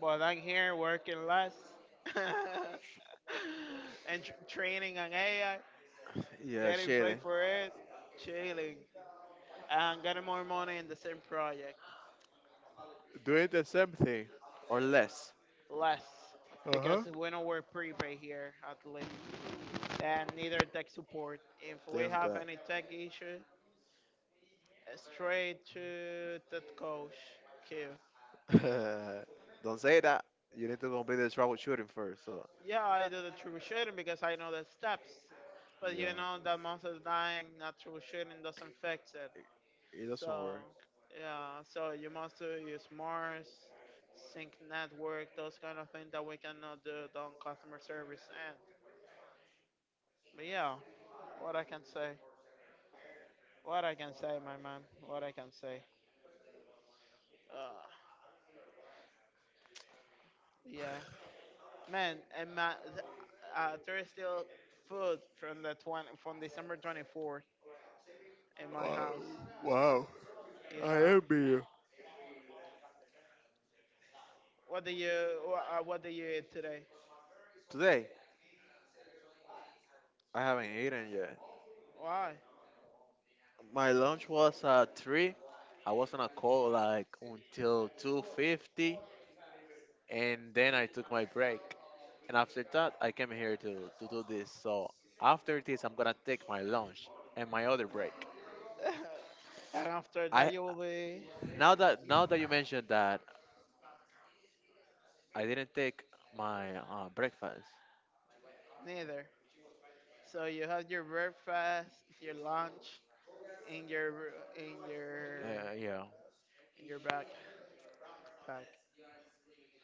B: But I'm here working less and tr- training on AI,
A: Yeah,
B: getting paid
A: Shelly.
B: for it, chilling, and getting more money in the same project.
A: Doing the same thing or less.
B: Less
A: Uh-huh.
B: because we don't work prepaid here at least, and neither tech support. If we
A: Thanks
B: have
A: God.
B: any tech issue, straight to the coach. Q.
A: Don't say that. You need to complete the troubleshooting first. So
B: Yeah, I do the troubleshooting because I know the steps. But
A: yeah,
B: you know that monster's dying, not troubleshooting doesn't fix it.
A: it doesn't
B: So
A: work.
B: yeah, so you must use Mars, sync network, those kind of things that we cannot do on customer service end. But yeah, what I can say, what I can say, my man, what I can say. Uh, yeah, man, there is still food from the 20, from December 24th in my house. Yeah, what do you wha- what do you eat today?
A: Today I haven't eaten yet.
B: Why?
A: My lunch was at 3. I was on a call like until 2:50, and then I took my break. And after that, I came here to do this. So after this, I'm gonna take my lunch and my other break.
B: And after
A: I
B: that, you will be
A: now that now that you mentioned that, I didn't take my breakfast.
B: neither. So you have your breakfast, your lunch, in your in your
A: Yeah,
B: in your backpack.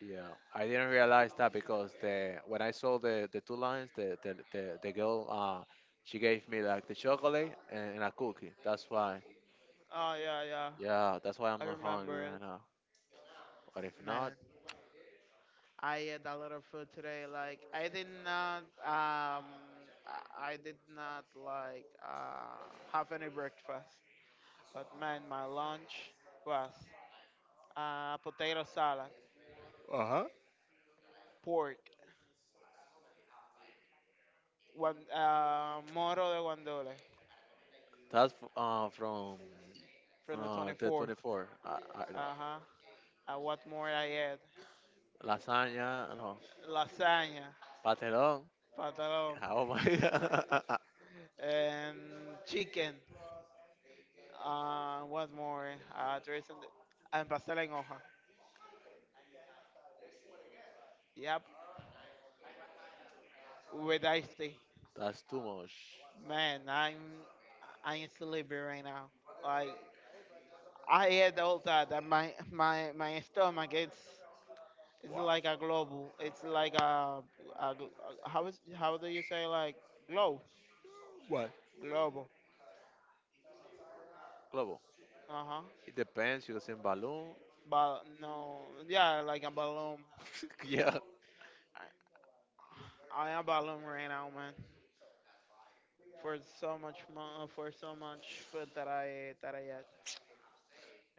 A: yeah. I didn't realize that because the when I saw the two lines, the girl, she gave me like the chocolate and a cookie. That's why.
B: Oh yeah, yeah.
A: Yeah, that's why I'm
B: I
A: not hungry
B: remember
A: right
B: it.
A: now. But if not,
B: Man, I ate a lot of food today. Um I did not like have any breakfast. But man, my lunch was potato salad,
A: uh huh.
B: pork, one, moro de guandole
A: That's from
B: from the
A: the
B: 24th.
A: 24. I, no,
B: Uh huh. What more I had?
A: lasagna, no,
B: Lasagna,
A: pastelón.
B: pantalon,
A: Oh my god,
B: and chicken. What more? There isn't. And pastel en hoja. Yep. With iced tea.
A: that's too much.
B: Man, I'm sleepy right now. Like I had all that, and my stomach it's
A: Wow.
B: like a global. It's like a gl- how is how do you say like globe,
A: What?
B: global?
A: Global.
B: Uh huh.
A: It depends. You send balloon.
B: But no, yeah, like a balloon.
A: Yeah.
B: I, I am a balloon right now, man. For so much food that I ate, that I ate.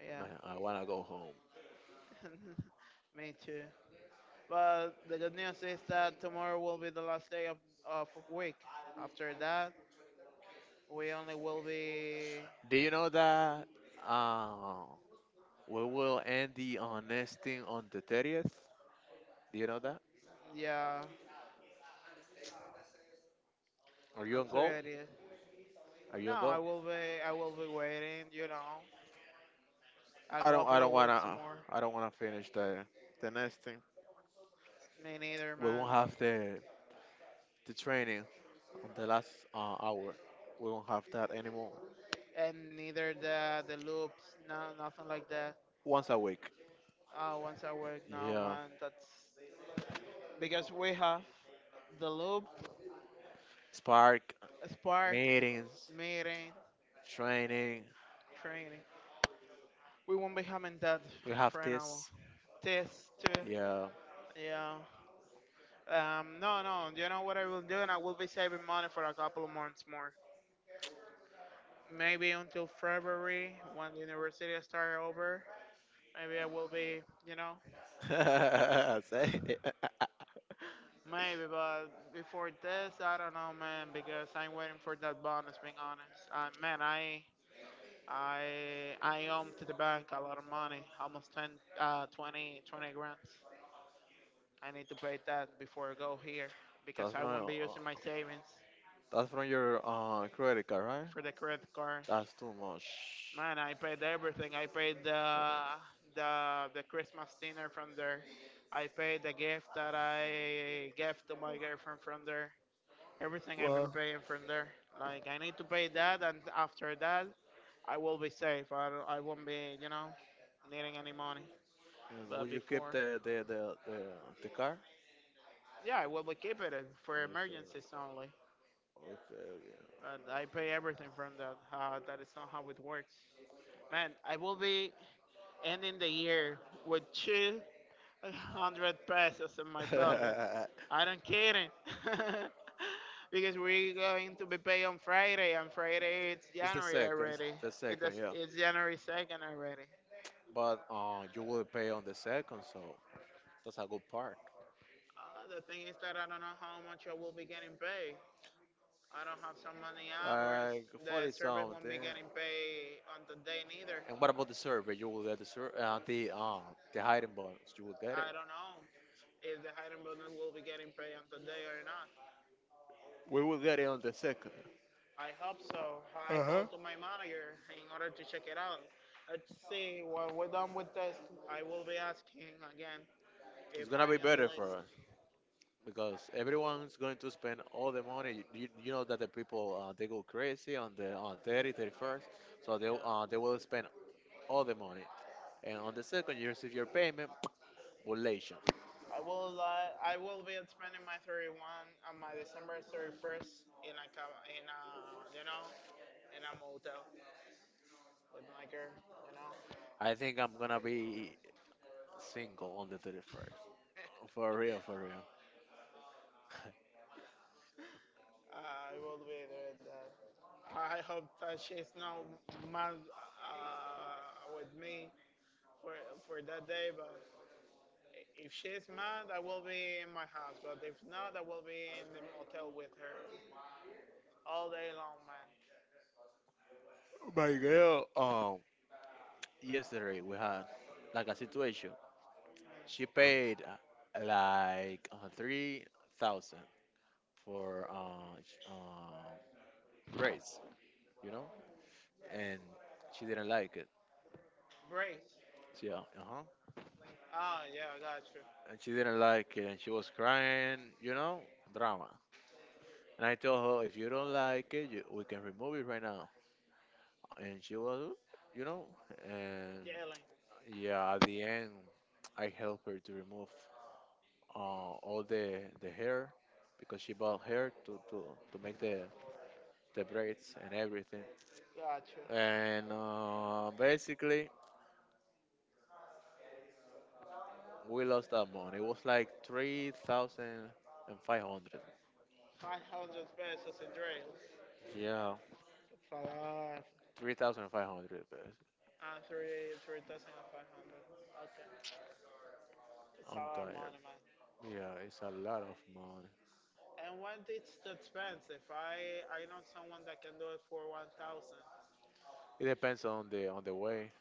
B: Yeah,
A: Man, I wanna go home.
B: me too. But the good news is that tomorrow will be the last day of week. After that, we only will be
A: Do you know that? Uh, we will end the nesting on the 30th. Do you know that?
B: yeah
A: Are you
B: on
A: on goal?
B: 30.
A: Are
B: No,
A: you on goal?
B: I will be waiting, you know, a
A: I don't. I
B: couple of
A: don't
B: weeks
A: wanna.
B: more.
A: I don't wanna finish the nesting.
B: Me neither,
A: We
B: man.
A: won't have the training on the last hour. We won't have that anymore.
B: And neither the the loops, no nothing like that.
A: Once a week.
B: Oh, once a week, no,
A: Yeah.
B: man. That's because we have the loop,
A: Spark,
B: spark,
A: meetings,
B: meeting,
A: training.
B: training. We won't be having that
A: We have
B: for an hour.
A: this.
B: Test too.
A: Yeah.
B: Yeah. Um, no, no. You know what I will do, and I will be saving money for a couple of months more. Maybe until February when the university start over. Maybe I will be, you know,
A: Say it.
B: maybe. But before this, I don't know, man, because I'm waiting for that bonus. Being honest, man, I owe to the bank a lot of money, almost 10, 20 grants. I need to pay that before I go here because
A: That's
B: I won't
A: from
B: be using my savings
A: that's from your credit card, right?
B: for the credit card.
A: That's too much.
B: Man, I paid everything. I paid the Christmas dinner from there. I paid the gift that I gave to my girlfriend from there. Everything I've been
A: Well,
B: paying from there. Like I need to pay that, and after that, I will be safe. I won't be, you know, needing any money.
A: and will
B: But
A: you keep
B: before,
A: the car?
B: yeah, I will be keeping it for
A: Okay.
B: emergencies only.
A: Okay.
B: But I pay everything from that. That is not how it works. Man, I will be ending the year with 200 pesos in my pocket.
A: Yeah.
B: I don't kidding. Because we're going to be paid on Friday, and Friday it's
A: It's the
B: January
A: second. It's
B: already.
A: the second. Yeah.
B: It's January 2nd already.
A: But you will pay on the second, so that's a good part.
B: The thing is that I don't know how much I will be getting paid. I don't have so many hours.
A: Like 40
B: The service won't be
A: something.
B: getting paid on the day neither.
A: And what about the survey? You will get the sur- the hiding bonus. You will get
B: I
A: it.
B: don't know if the hiring bonus will be getting paid on the day or not.
A: We will get it on the second.
B: I hope so. I
A: Uh huh.
B: told to my manager in order to check it out. Let's see, when we're done with this, I will be asking again
A: It's
B: if
A: gonna
B: I
A: be
B: am the
A: better for
B: list.
A: us because everyone's going to spend all the money. You know that the people they go crazy on the on thirty 31st. So they will spend all the money. And on the second, you receive your payment. Relation.
B: I will be spending my 31 on my December 31st in a you know in a motel with my girl. You know,
A: I think I'm gonna be single on the 31st. For real, for real.
B: I will be doing that. I hope that she's not mad with me for for that day, but if she's mad, I will be in my house, but if not, I will be in the motel with her all day long, man.
A: My girl, yesterday we had like a situation. She paid like 3,000 for braids, you know, and she didn't like it.
B: Brace.
A: Yeah, uh huh.
B: Ah, yeah, I got you.
A: And she didn't like it, and she was crying, drama. And I told her, if you don't like it, we can remove it right now. And she was, you know, and
B: Yelling.
A: yeah, at the end, I helped her to remove all the hair because she bought hair to make the braids and everything.
B: Got you.
A: And basically, we lost that money. It was like 3,500.
B: 500 pesos in drills.
A: Yeah,
B: It's a lot.
A: 3,500.
B: And three, 3,500. Okay. It's a
A: I'm
B: lot of
A: tired.
B: money, man.
A: Yeah, it's a lot of money.
B: And when it's too expensive, I know someone that can do it for 1,000.
A: It depends on the way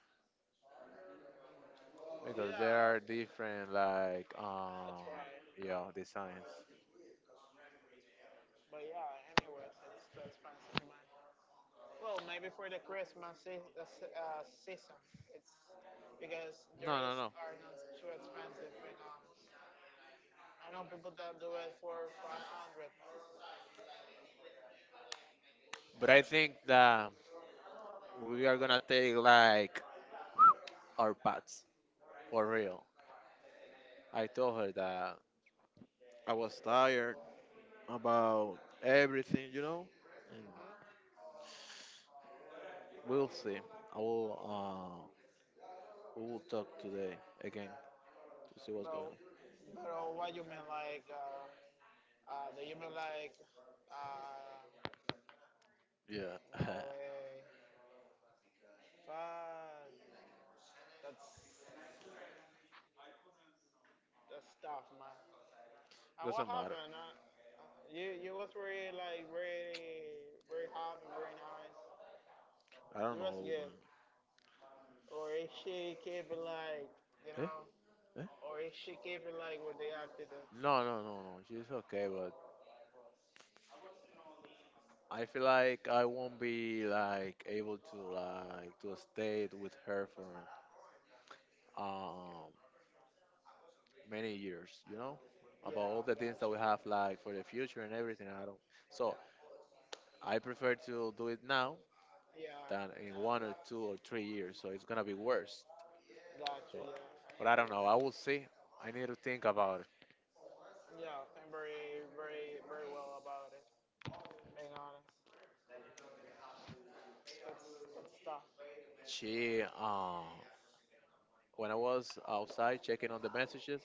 A: because there are
B: Yeah,
A: different like
B: that's right.
A: yeah designs.
B: But yeah, anyway, it's too expensive, man. Well, maybe for the season, it's because there
A: No, no,
B: is
A: no.
B: are not too expensive right now. I know people that do it for 500,
A: But I think that we are gonna take like our paths for real. I told her that I was tired about everything, you know, and we'll see. I will we will talk today again to see what's going on.
B: but what you mean like do you mean like uh,
A: Yeah,
B: no way, fuck, that's that's tough, man. And what
A: doesn't matter.
B: happened? You was really like really very happy, very nice.
A: I don't
B: It was
A: know,
B: good. Or it should keep it like, you
A: man.
B: know,
A: Eh? Eh?
B: or it should keep it like what they acted in.
A: No, no, no, no. She's okay, but I feel like I won't be like able to like to stay with her for um many years, you know,
B: Yeah,
A: about all
B: I
A: the things
B: got
A: that
B: you.
A: we have like for the future and everything. I don't. So I prefer to do it now than
B: Yeah,
A: in 1 or 2 or 3 years. So it's gonna be worse.
B: got you.
A: So,
B: Yeah,
A: but
B: I
A: I don't
B: agree
A: know.
B: with
A: I will
B: you.
A: see. I need to think about it.
B: Yeah, I'm very, very, very well about it. Being honest, that's that's tough.
A: She, uh, when I was outside checking on the messages,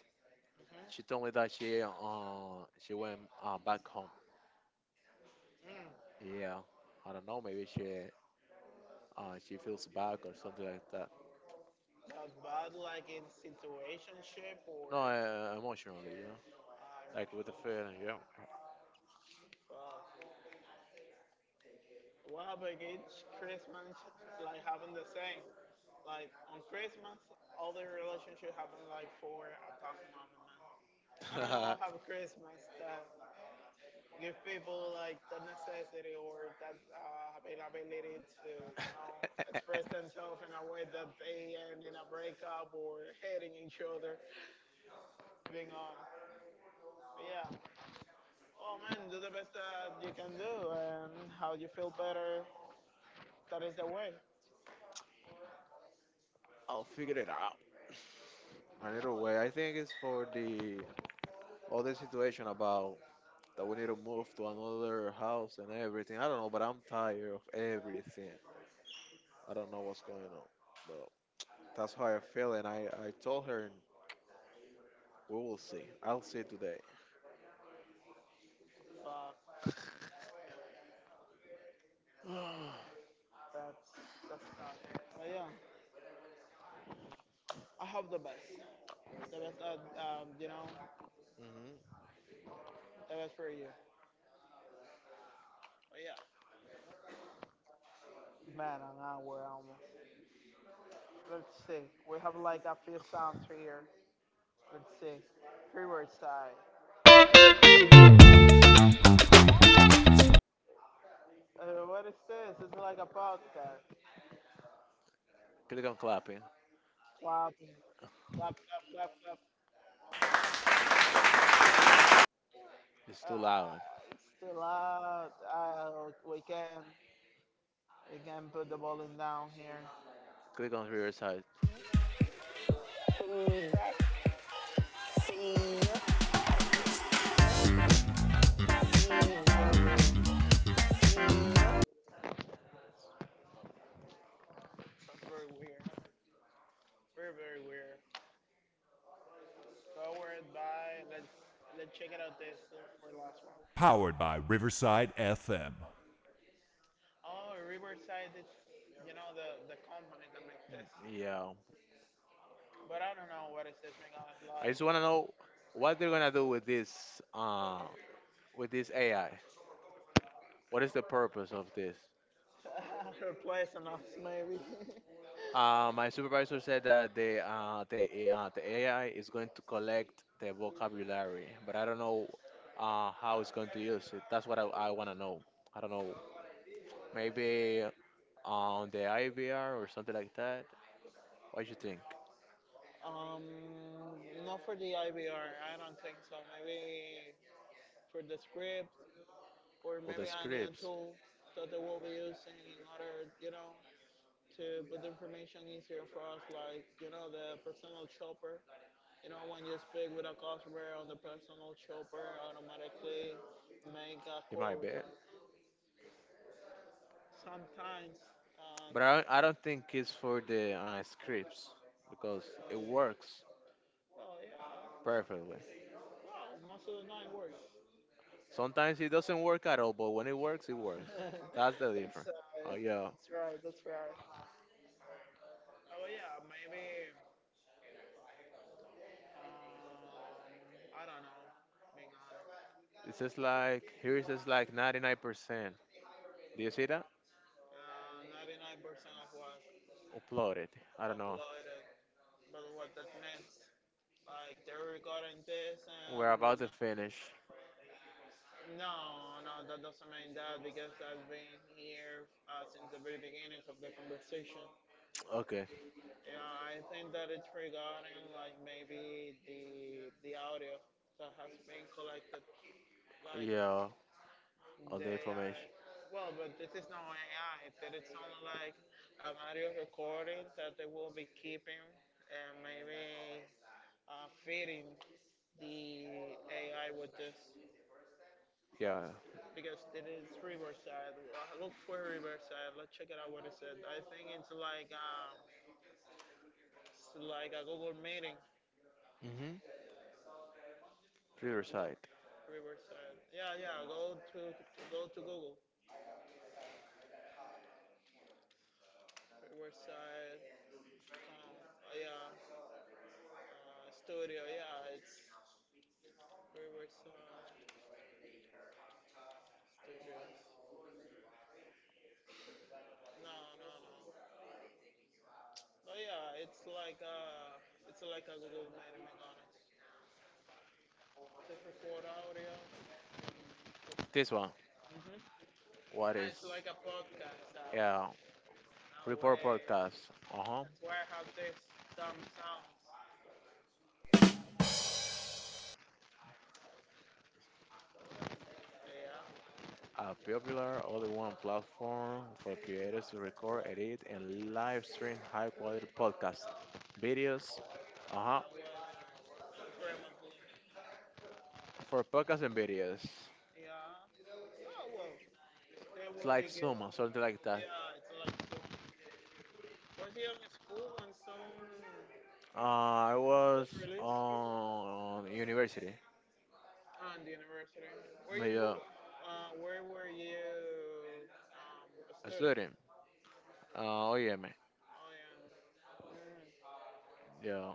A: she
B: hmm
A: told me that she went back home.
B: Mm.
A: Yeah, I don't know. Maybe she feels back or something like that.
B: But bad, like in situationship or
A: No, emotionally, you know, like with the
B: emotional.
A: feeling. Yeah.
B: Fuck. Well, but it's Christmas, like having the same. Like on Christmas, all the relationship happen like for a tough moment, man. I don't know what have Christmas that give people like the necessity or that availability to express themselves in a way that they end in a breakup or hating each other. Being on, but yeah. Oh man, do the best that you can do, and how you feel better, that is the way.
A: I'll figure it out another
B: Oh
A: way. I
B: yeah.
A: think it's for the other situation about that we need to move to another house and everything. I don't know, but I'm tired of everything. I don't know what's going on, but that's how I feel. And I told her, and we will see. I'll see today.
B: Fuck. That's that's tough. But yeah, I hope the best. The best, you know,
A: Hmm.
B: the best for you. Man, I'm not aware almost. Let's see. We have like a few sounds here. Let's see. Freeward side. What is this? It's like a podcast.
A: Click on clapping.
B: Clap, clap, clap, clap, clap.
A: It's too loud.
B: It's too loud. We can put the volume down here.
A: Click on Riverside.
B: Sounds very weird. Sounds very weird. Very, very weird. Powered by let's check it out this for last one. Oh, Riverside, it's you know the company that make this,
A: Yeah.
B: but I don't know what is this being honest
A: I
B: like.
A: just
B: I
A: want to
B: don't know,
A: know what they're gonna do with this. With this AI. What is the purpose of this?
B: replacing us maybe.
A: My supervisor said that the AI is going to collect the vocabulary, but I don't know how it's going to use it. That's what I want to know. I don't know. Maybe on the IVR or something like that. What do you think?
B: um, not for the IBR. I don't think so. Maybe for the script or
A: For the
B: maybe a new
A: scripts,
B: tool that they will be using in order you know to put the information easier for us like you know the personal shopper. You know, when you speak with a customer on the personal shopper, automatically make a
A: it might be.
B: quote. Sometimes, um,
A: But I don't think it's for the scripts because
B: oh
A: it
B: yeah,
A: works
B: well, yeah,
A: perfectly.
B: well, most of the time works.
A: Sometimes it doesn't work at all, but when it works, it works. That's the difference. Oh yeah,
B: That's right, that's right. Oh yeah, maybe, um, I don't know, being honest.
A: it's just like here is just like 99%. Do you see that?
B: 99% of what
A: Upload it. I don't know.
B: uploaded, but what that means, like they're recording this
A: We're
B: and the
A: about to finish.
B: no, no, that doesn't mean that because I've been here since the very beginnings of the conversation.
A: Okay.
B: Yeah, I think that it's regarding like maybe the audio that has been collected. Like
A: Yeah. All the
B: they are,
A: information.
B: well, but this is not AI. That it's only like an audio recording that they will be keeping and maybe feeding the AI with this.
A: Yeah.
B: Because it is Riverside. Look for Riverside. Let's check it out. What is it? Said. I think it's like a Google meeting.
A: Mhm. Riverside.
B: Riverside. Yeah, yeah. Go to Google. Riverside. Um, yeah. Studio. Yeah, it's Riverside Studios. No, no, no. But yeah, it's like a Google meeting. To record audio.
A: This one.
B: Mm-hmm.
A: What
B: Ah,
A: is?
B: it's like a podcast that now
A: Yeah. Report
B: way
A: podcast. Uh huh.
B: that's why I have this dumb sounds. Yeah,
A: A popular all-in-one platform for creators to record, edit, and live stream high-quality podcasts, videos,
B: I
A: uh-huh,
B: will preferably.
A: for podcasts and videos.
B: Yeah. Oh well, they
A: It's
B: will be
A: like
B: good.
A: Zoom or something like that.
B: Yeah, it's like so. Was he on school when some
A: I
B: was
A: was
B: released
A: on university,
B: on the university? Where you
A: yeah,
B: wo- where were you um
A: a
B: studying?
A: student. Uh, OEM, yeah, man.
B: Oh yeah. Mm,
A: Yeah,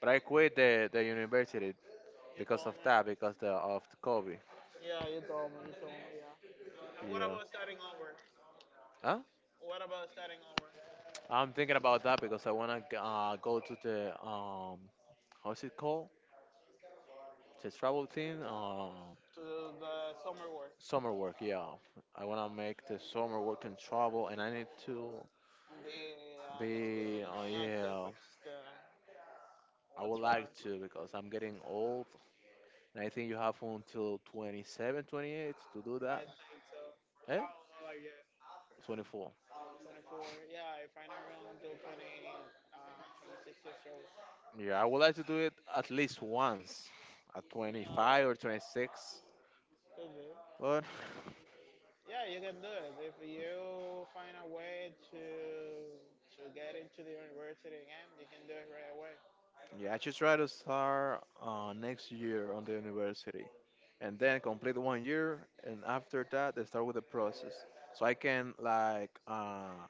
A: but I quit the university
B: you
A: because
B: told
A: of that,
B: me.
A: because of the COVID.
B: Yeah, you told me. You told me. Yeah. And what
A: Yeah.
B: about starting over?
A: Huh?
B: What about starting over?
A: I'm thinking about that because I wanna go to the how's it called? The travel thing?
B: To the summer work,
A: Summer work, yeah. I wanna make the summer work and travel, and I need to
B: be a student in active
A: yeah,
B: student.
A: I would
B: That's right.
A: like to because I'm getting old, and I think you have until 27, 28 to do
B: I
A: that.
B: think
A: Eh?
B: after
A: 24.
B: 24, yeah, if I'm not wrong, until 20, 26 years old.
A: Yeah, I would like to do it at least once at 25 or
B: Yeah,
A: 26.
B: could be.
A: But
B: Yeah, you can do it if you find a way to get into the university again. You can do it right away.
A: yeah, I should try to start next year on the university and then complete one year. And after that, I start with the process. So I can, like,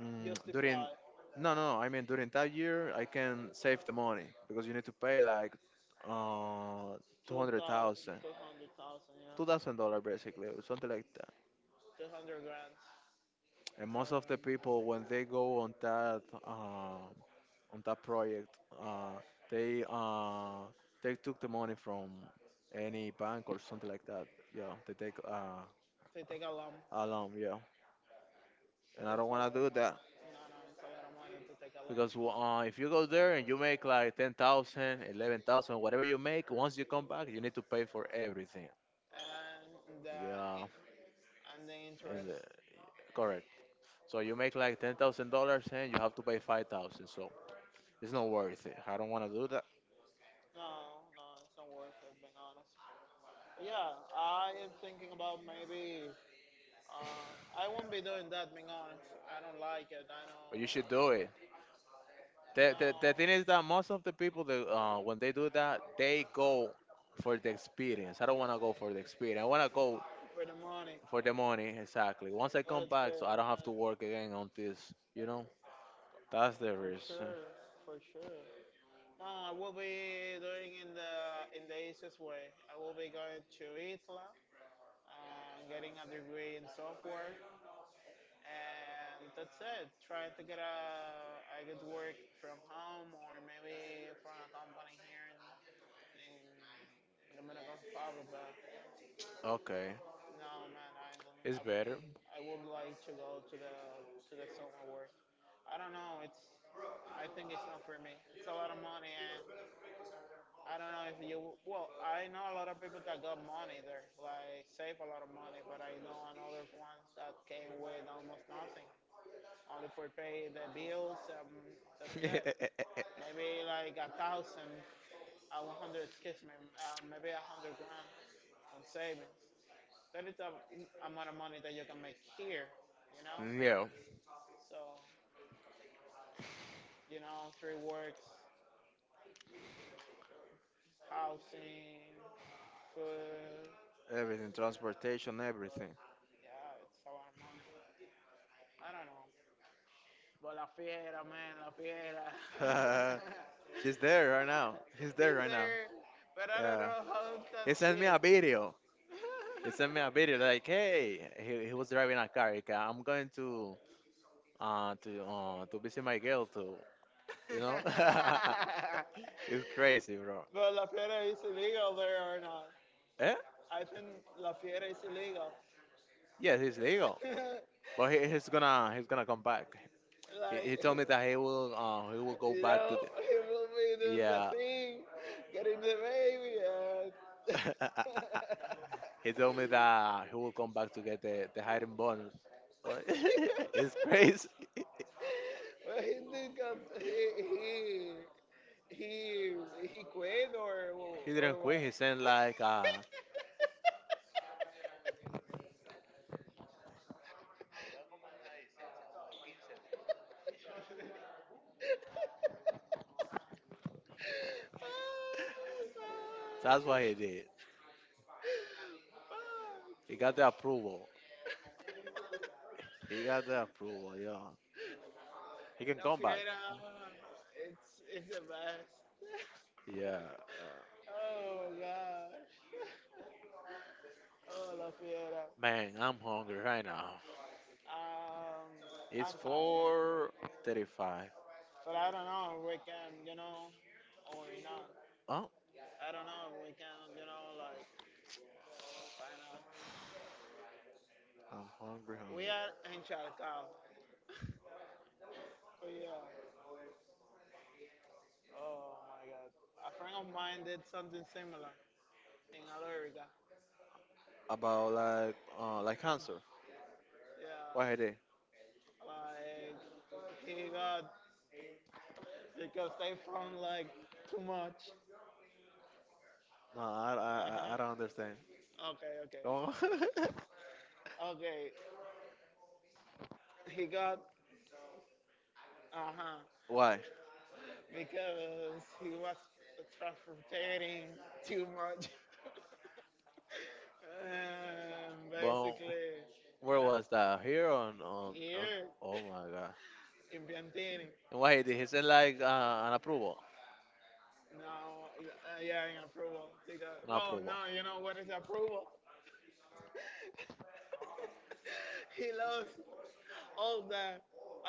A: mm, during,
B: Justify.
A: no, no,
B: No,
A: no, I mean, during that year, I can save the money because you need to pay like uh,
B: two
A: 200,000,
B: thousand, 200,000, yeah,
A: dollars basically, or something like that.
B: 200 grand.
A: And most of the
B: So
A: people, when they go on that project. Uh, they uh, they took the money from any bank or something like that. Yeah, they take
B: they take a loan.
A: a loan. Yeah, and I don't
B: It's a
A: want
B: lot
A: to
B: of
A: do that
B: money. No, no, it's a lot of money to take a long
A: because
B: on
A: if
B: it.
A: you go there and you make like 10,000, 11,000, whatever you make, once you come back, you need to pay for everything.
B: And the
A: Yeah,
B: and the
A: and
B: interest.
A: correct. So you make like $10,000 and you have to pay 5,000. So it's not worth it. I don't want to do that,
B: No, no, it's not worth it. Being honest. Yeah, I am thinking about maybe. I won't be doing that. Being honest, I don't like it. I don't.
A: but you should do it. The
B: No,
A: thing is that most of the people that when they do that, they go for the experience. I don't want to go for the experience. I want to go
B: for the money.
A: for
B: For
A: the
B: the money.
A: money exactly. Once I
B: But
A: come
B: it's
A: back, so
B: good.
A: I don't have to work again on this. You know, that's the
B: For
A: reason.
B: sure, for sure. No, I will be doing in the easiest way. I will be going to ITLA, getting a degree in software, and that's it. Trying to get a good work from home or maybe from a company here in the Dominican Republic. But
A: Okay,
B: no, man, I don't.
A: it's better.
B: I would like to go to the summer work. I don't know. It's I think it's not for me. It's a lot of money and I don't know if you. Well, I know a lot of people that got money there, like save a lot of money, but I know another ones that came with almost nothing, only for pay the bills. That's it. Maybe like a thousand, a 100, excuse me, maybe 100 grand on savings. That is a amount of money that you can make here, you know.
A: Yeah.
B: So you know, three works, housing, food.
A: Everything, transportation, everything.
B: Yeah, it's a lot of money. I don't know. But La Fiera, man, La Fiera. He's
A: She's there right
B: wow.
A: now. He's there
B: He's
A: right now.
B: there, but I don't
A: Yeah.
B: know how to
A: He
B: it's
A: sent me
B: chick.
A: a video. He sent me a video like, hey, he was driving a car, like, I'm going to visit my girl too. You know, it's crazy, bro.
B: But La Fiera is illegal there or not?
A: Eh?
B: I think La Fiera is illegal.
A: Yes, he's legal, but he's gonna come back. He
B: Like,
A: told me that he will go
B: you
A: back to
B: know,
A: the
B: he will be doing the
A: yeah.
B: thing, getting the baby, and
A: He told me that he will come back to get the hiding bonus. So, it's crazy.
B: well, he did got he he quit
A: He didn't
B: or
A: quit.
B: what?
A: He sent like
B: Oh,
A: that's what
B: fuck.
A: he did. He
B: Fuck.
A: got the approval. He got the approval, yeah. He can
B: La
A: come back.
B: Fiera, it's it's the best.
A: Yeah. Uh,
B: Oh my gosh. Oh La Fiera.
A: man, I'm hungry right now.
B: Um, I'm
A: It's
B: tired,
A: 4:35.
B: but I don't know if we can, you know, or not.
A: Oh,
B: I don't know if we can, you know, like why not?
A: I'm hungry,
B: We
A: hungry.
B: are in Chalcao. Yeah. Oh my God. A friend of mine did something similar in Alorica.
A: About like cancer. Why
B: Yeah.
A: they?
B: Like he got because they found like too much.
A: No, I
B: Uh
A: I
B: huh.
A: I I don't understand.
B: Okay.
A: Oh,
B: Okay. Okay. He got uh huh
A: why?
B: because he was transporting too much. And
A: Well,
B: basically
A: where was that? Here on on.
B: here
A: Oh my god.
B: in Piantini.
A: And why he did he send like an approval?
B: No, yeah, in approval. Because
A: Not
B: well,
A: approval.
B: no, you know what is approval? He loves all that,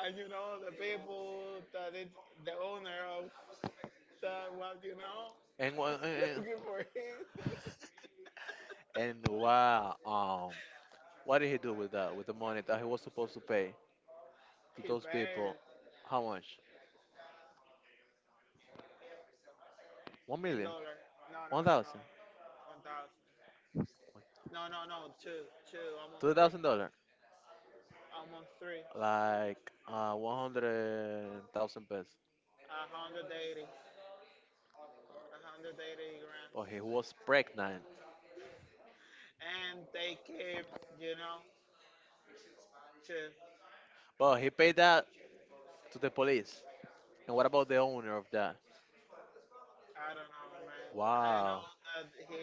B: and you know the people that it's the owner of that. Well, you know,
A: And
B: looking for him.
A: wow! What did he do with that with the money that he was supposed to pay to
B: He
A: those
B: paid
A: people? How much? One
B: in
A: million?
B: dollar. No, no,
A: One
B: no, no,
A: thousand?
B: 1,000. No, no, no, two, two, almost,
A: 2,000 dollar?
B: almost three.
A: Like 100,000 pesos.
B: A hundred 80, 180 grand,
A: But he was pregnant.
B: and they keep, you know, to
A: But he paid that to the police. And what about the owner of that?
B: I don't know, man. I know
A: Wow.
B: that he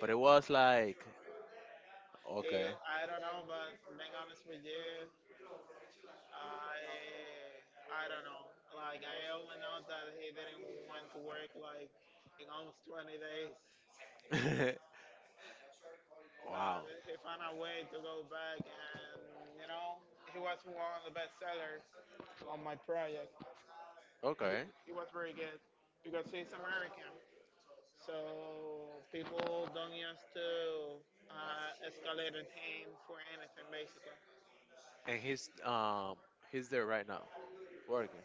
A: But it was like
B: he.
A: okay.
B: I don't know, but being honest with you, I I don't know. Like I only know that he didn't want to work like in almost 20 days, but
A: Wow.
B: he found a way to go back, and you know, he was one of the best sellers on my project.
A: Okay.
B: He was very good because he's American. So people don't used to escalated him for anything basically.
A: And he's there right now working.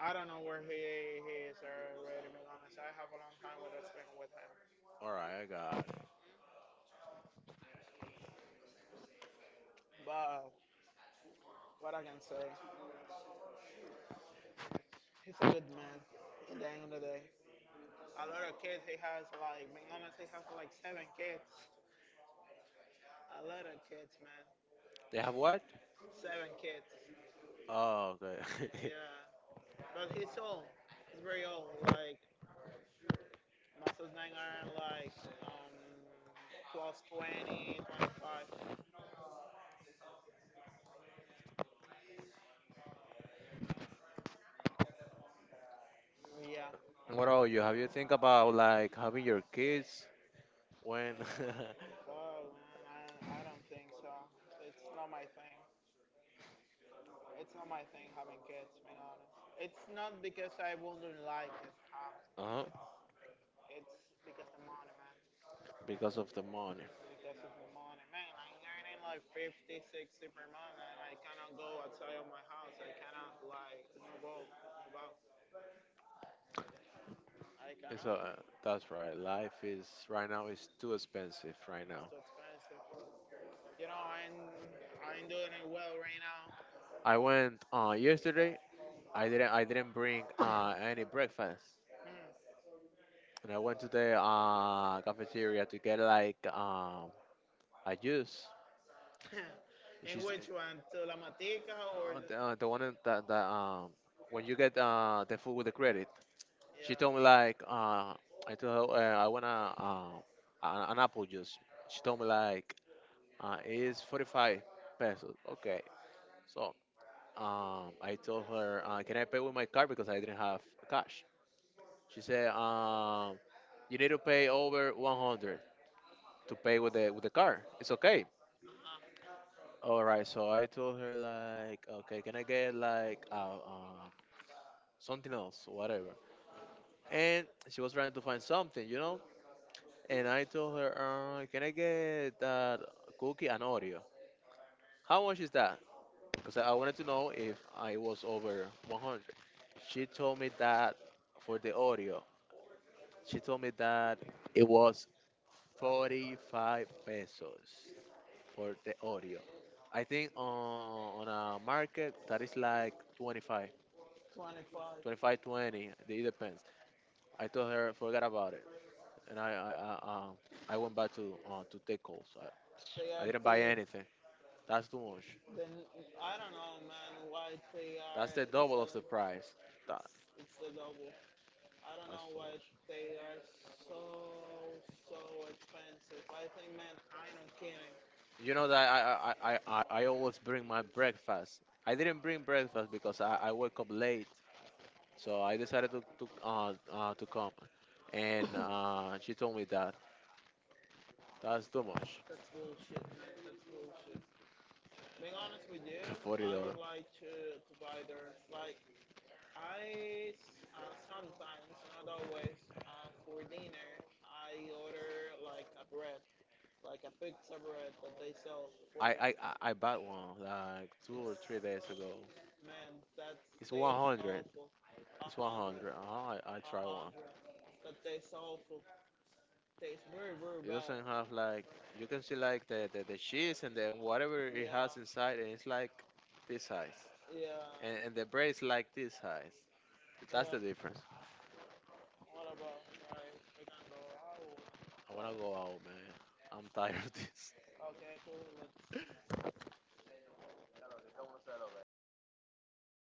B: I don't know where he is already, to be honest. I have a long time with respect with him.
A: All right, I got it.
B: But what I can say, he's a good man in the end of the day. A lot of kids he has, like, being honest, he has like seven kids. A lot of kids, man.
A: They have what?
B: Seven kids.
A: Oh, okay.
B: Yeah. But he's old. He's very old. Like, Masters nine are like um, plus 20, 25. Yeah,
A: And what about you? Have you think about like having your kids when?
B: bro, man, I don't think so. It's not my thing. It's not my thing having kids, being honest. It's not because I wouldn't like it have
A: Uh-huh.
B: kids. It's because the money, man.
A: Because of the money.
B: Because of the money. Man, I'm earning like 50, 60 per month and I cannot go outside of my house. I cannot like move out, move out. I
A: It's
B: cannot.
A: that's right. Life is right now is too expensive
B: It's
A: right now.
B: too expensive. You know, I'm doing it well right now.
A: I went yesterday. I didn't bring any breakfast, and I went to the cafeteria to get like a juice.
B: Hmm. In
A: She's
B: which one, to La Telematica or
A: uh, the, uh, the one in- that that when you get the food with the credit. She told me
B: yeah,
A: like I told her I wanna uh an apple juice. She told me like it's 45 pesos. Okay, so I told her can I pay with my card because I didn't have cash. She said you need to pay over 100 to pay with the card. It's okay.
B: uh,
A: All right, so I told her like, okay, can I get like something else, whatever. And she was trying to find something, you know. And I told her, "Can I get that cookie and Oreo? How much is that?" Because I wanted to know if I was over 100. She told me that for the Oreo, she told me that it was 45 pesos for the Oreo. I think on a market that is like 25,
B: 25?
A: 25, 20. It depends. I told her, forget about it. And I, uh, I went back to take calls.
B: They are
A: I didn't buy
B: thieves.
A: anything. That's too much.
B: Then I don't know, man, why they are
A: That's the double of the
B: selling.
A: price. That,
B: It's the double. I don't
A: that's
B: know
A: too
B: why
A: much.
B: they are so so expensive. I think, man, I'm not kidding.
A: You know that I always bring my breakfast. I didn't bring breakfast because I woke up late, so I decided to to come, and she told me that that's too much.
B: That's bullshit, man. That's bullshit. Being honest with you,
A: Forty
B: I don't
A: dollar.
B: like to buy their like sometimes, not always, for dinner, I order like a bread, like a pizza bread that they sell for.
A: I bought one like two
B: It's
A: or three days ago.
B: man, that
A: It's one
B: tastes
A: hundred.
B: awful. A
A: It's
B: hundred,
A: 100. Oh, I
B: a
A: try one.
B: hundred. That tastes awful. Tastes very, very
A: It
B: bad.
A: doesn't have like you can see like the cheese and then whatever it has
B: Yeah,
A: inside and it's like this size.
B: yeah,
A: And the bread is like this size. That's the
B: yeah.
A: difference.
B: What about like we can go
A: I wanna go
B: like,
A: out, man. I'm tired of this.
B: okay, cool.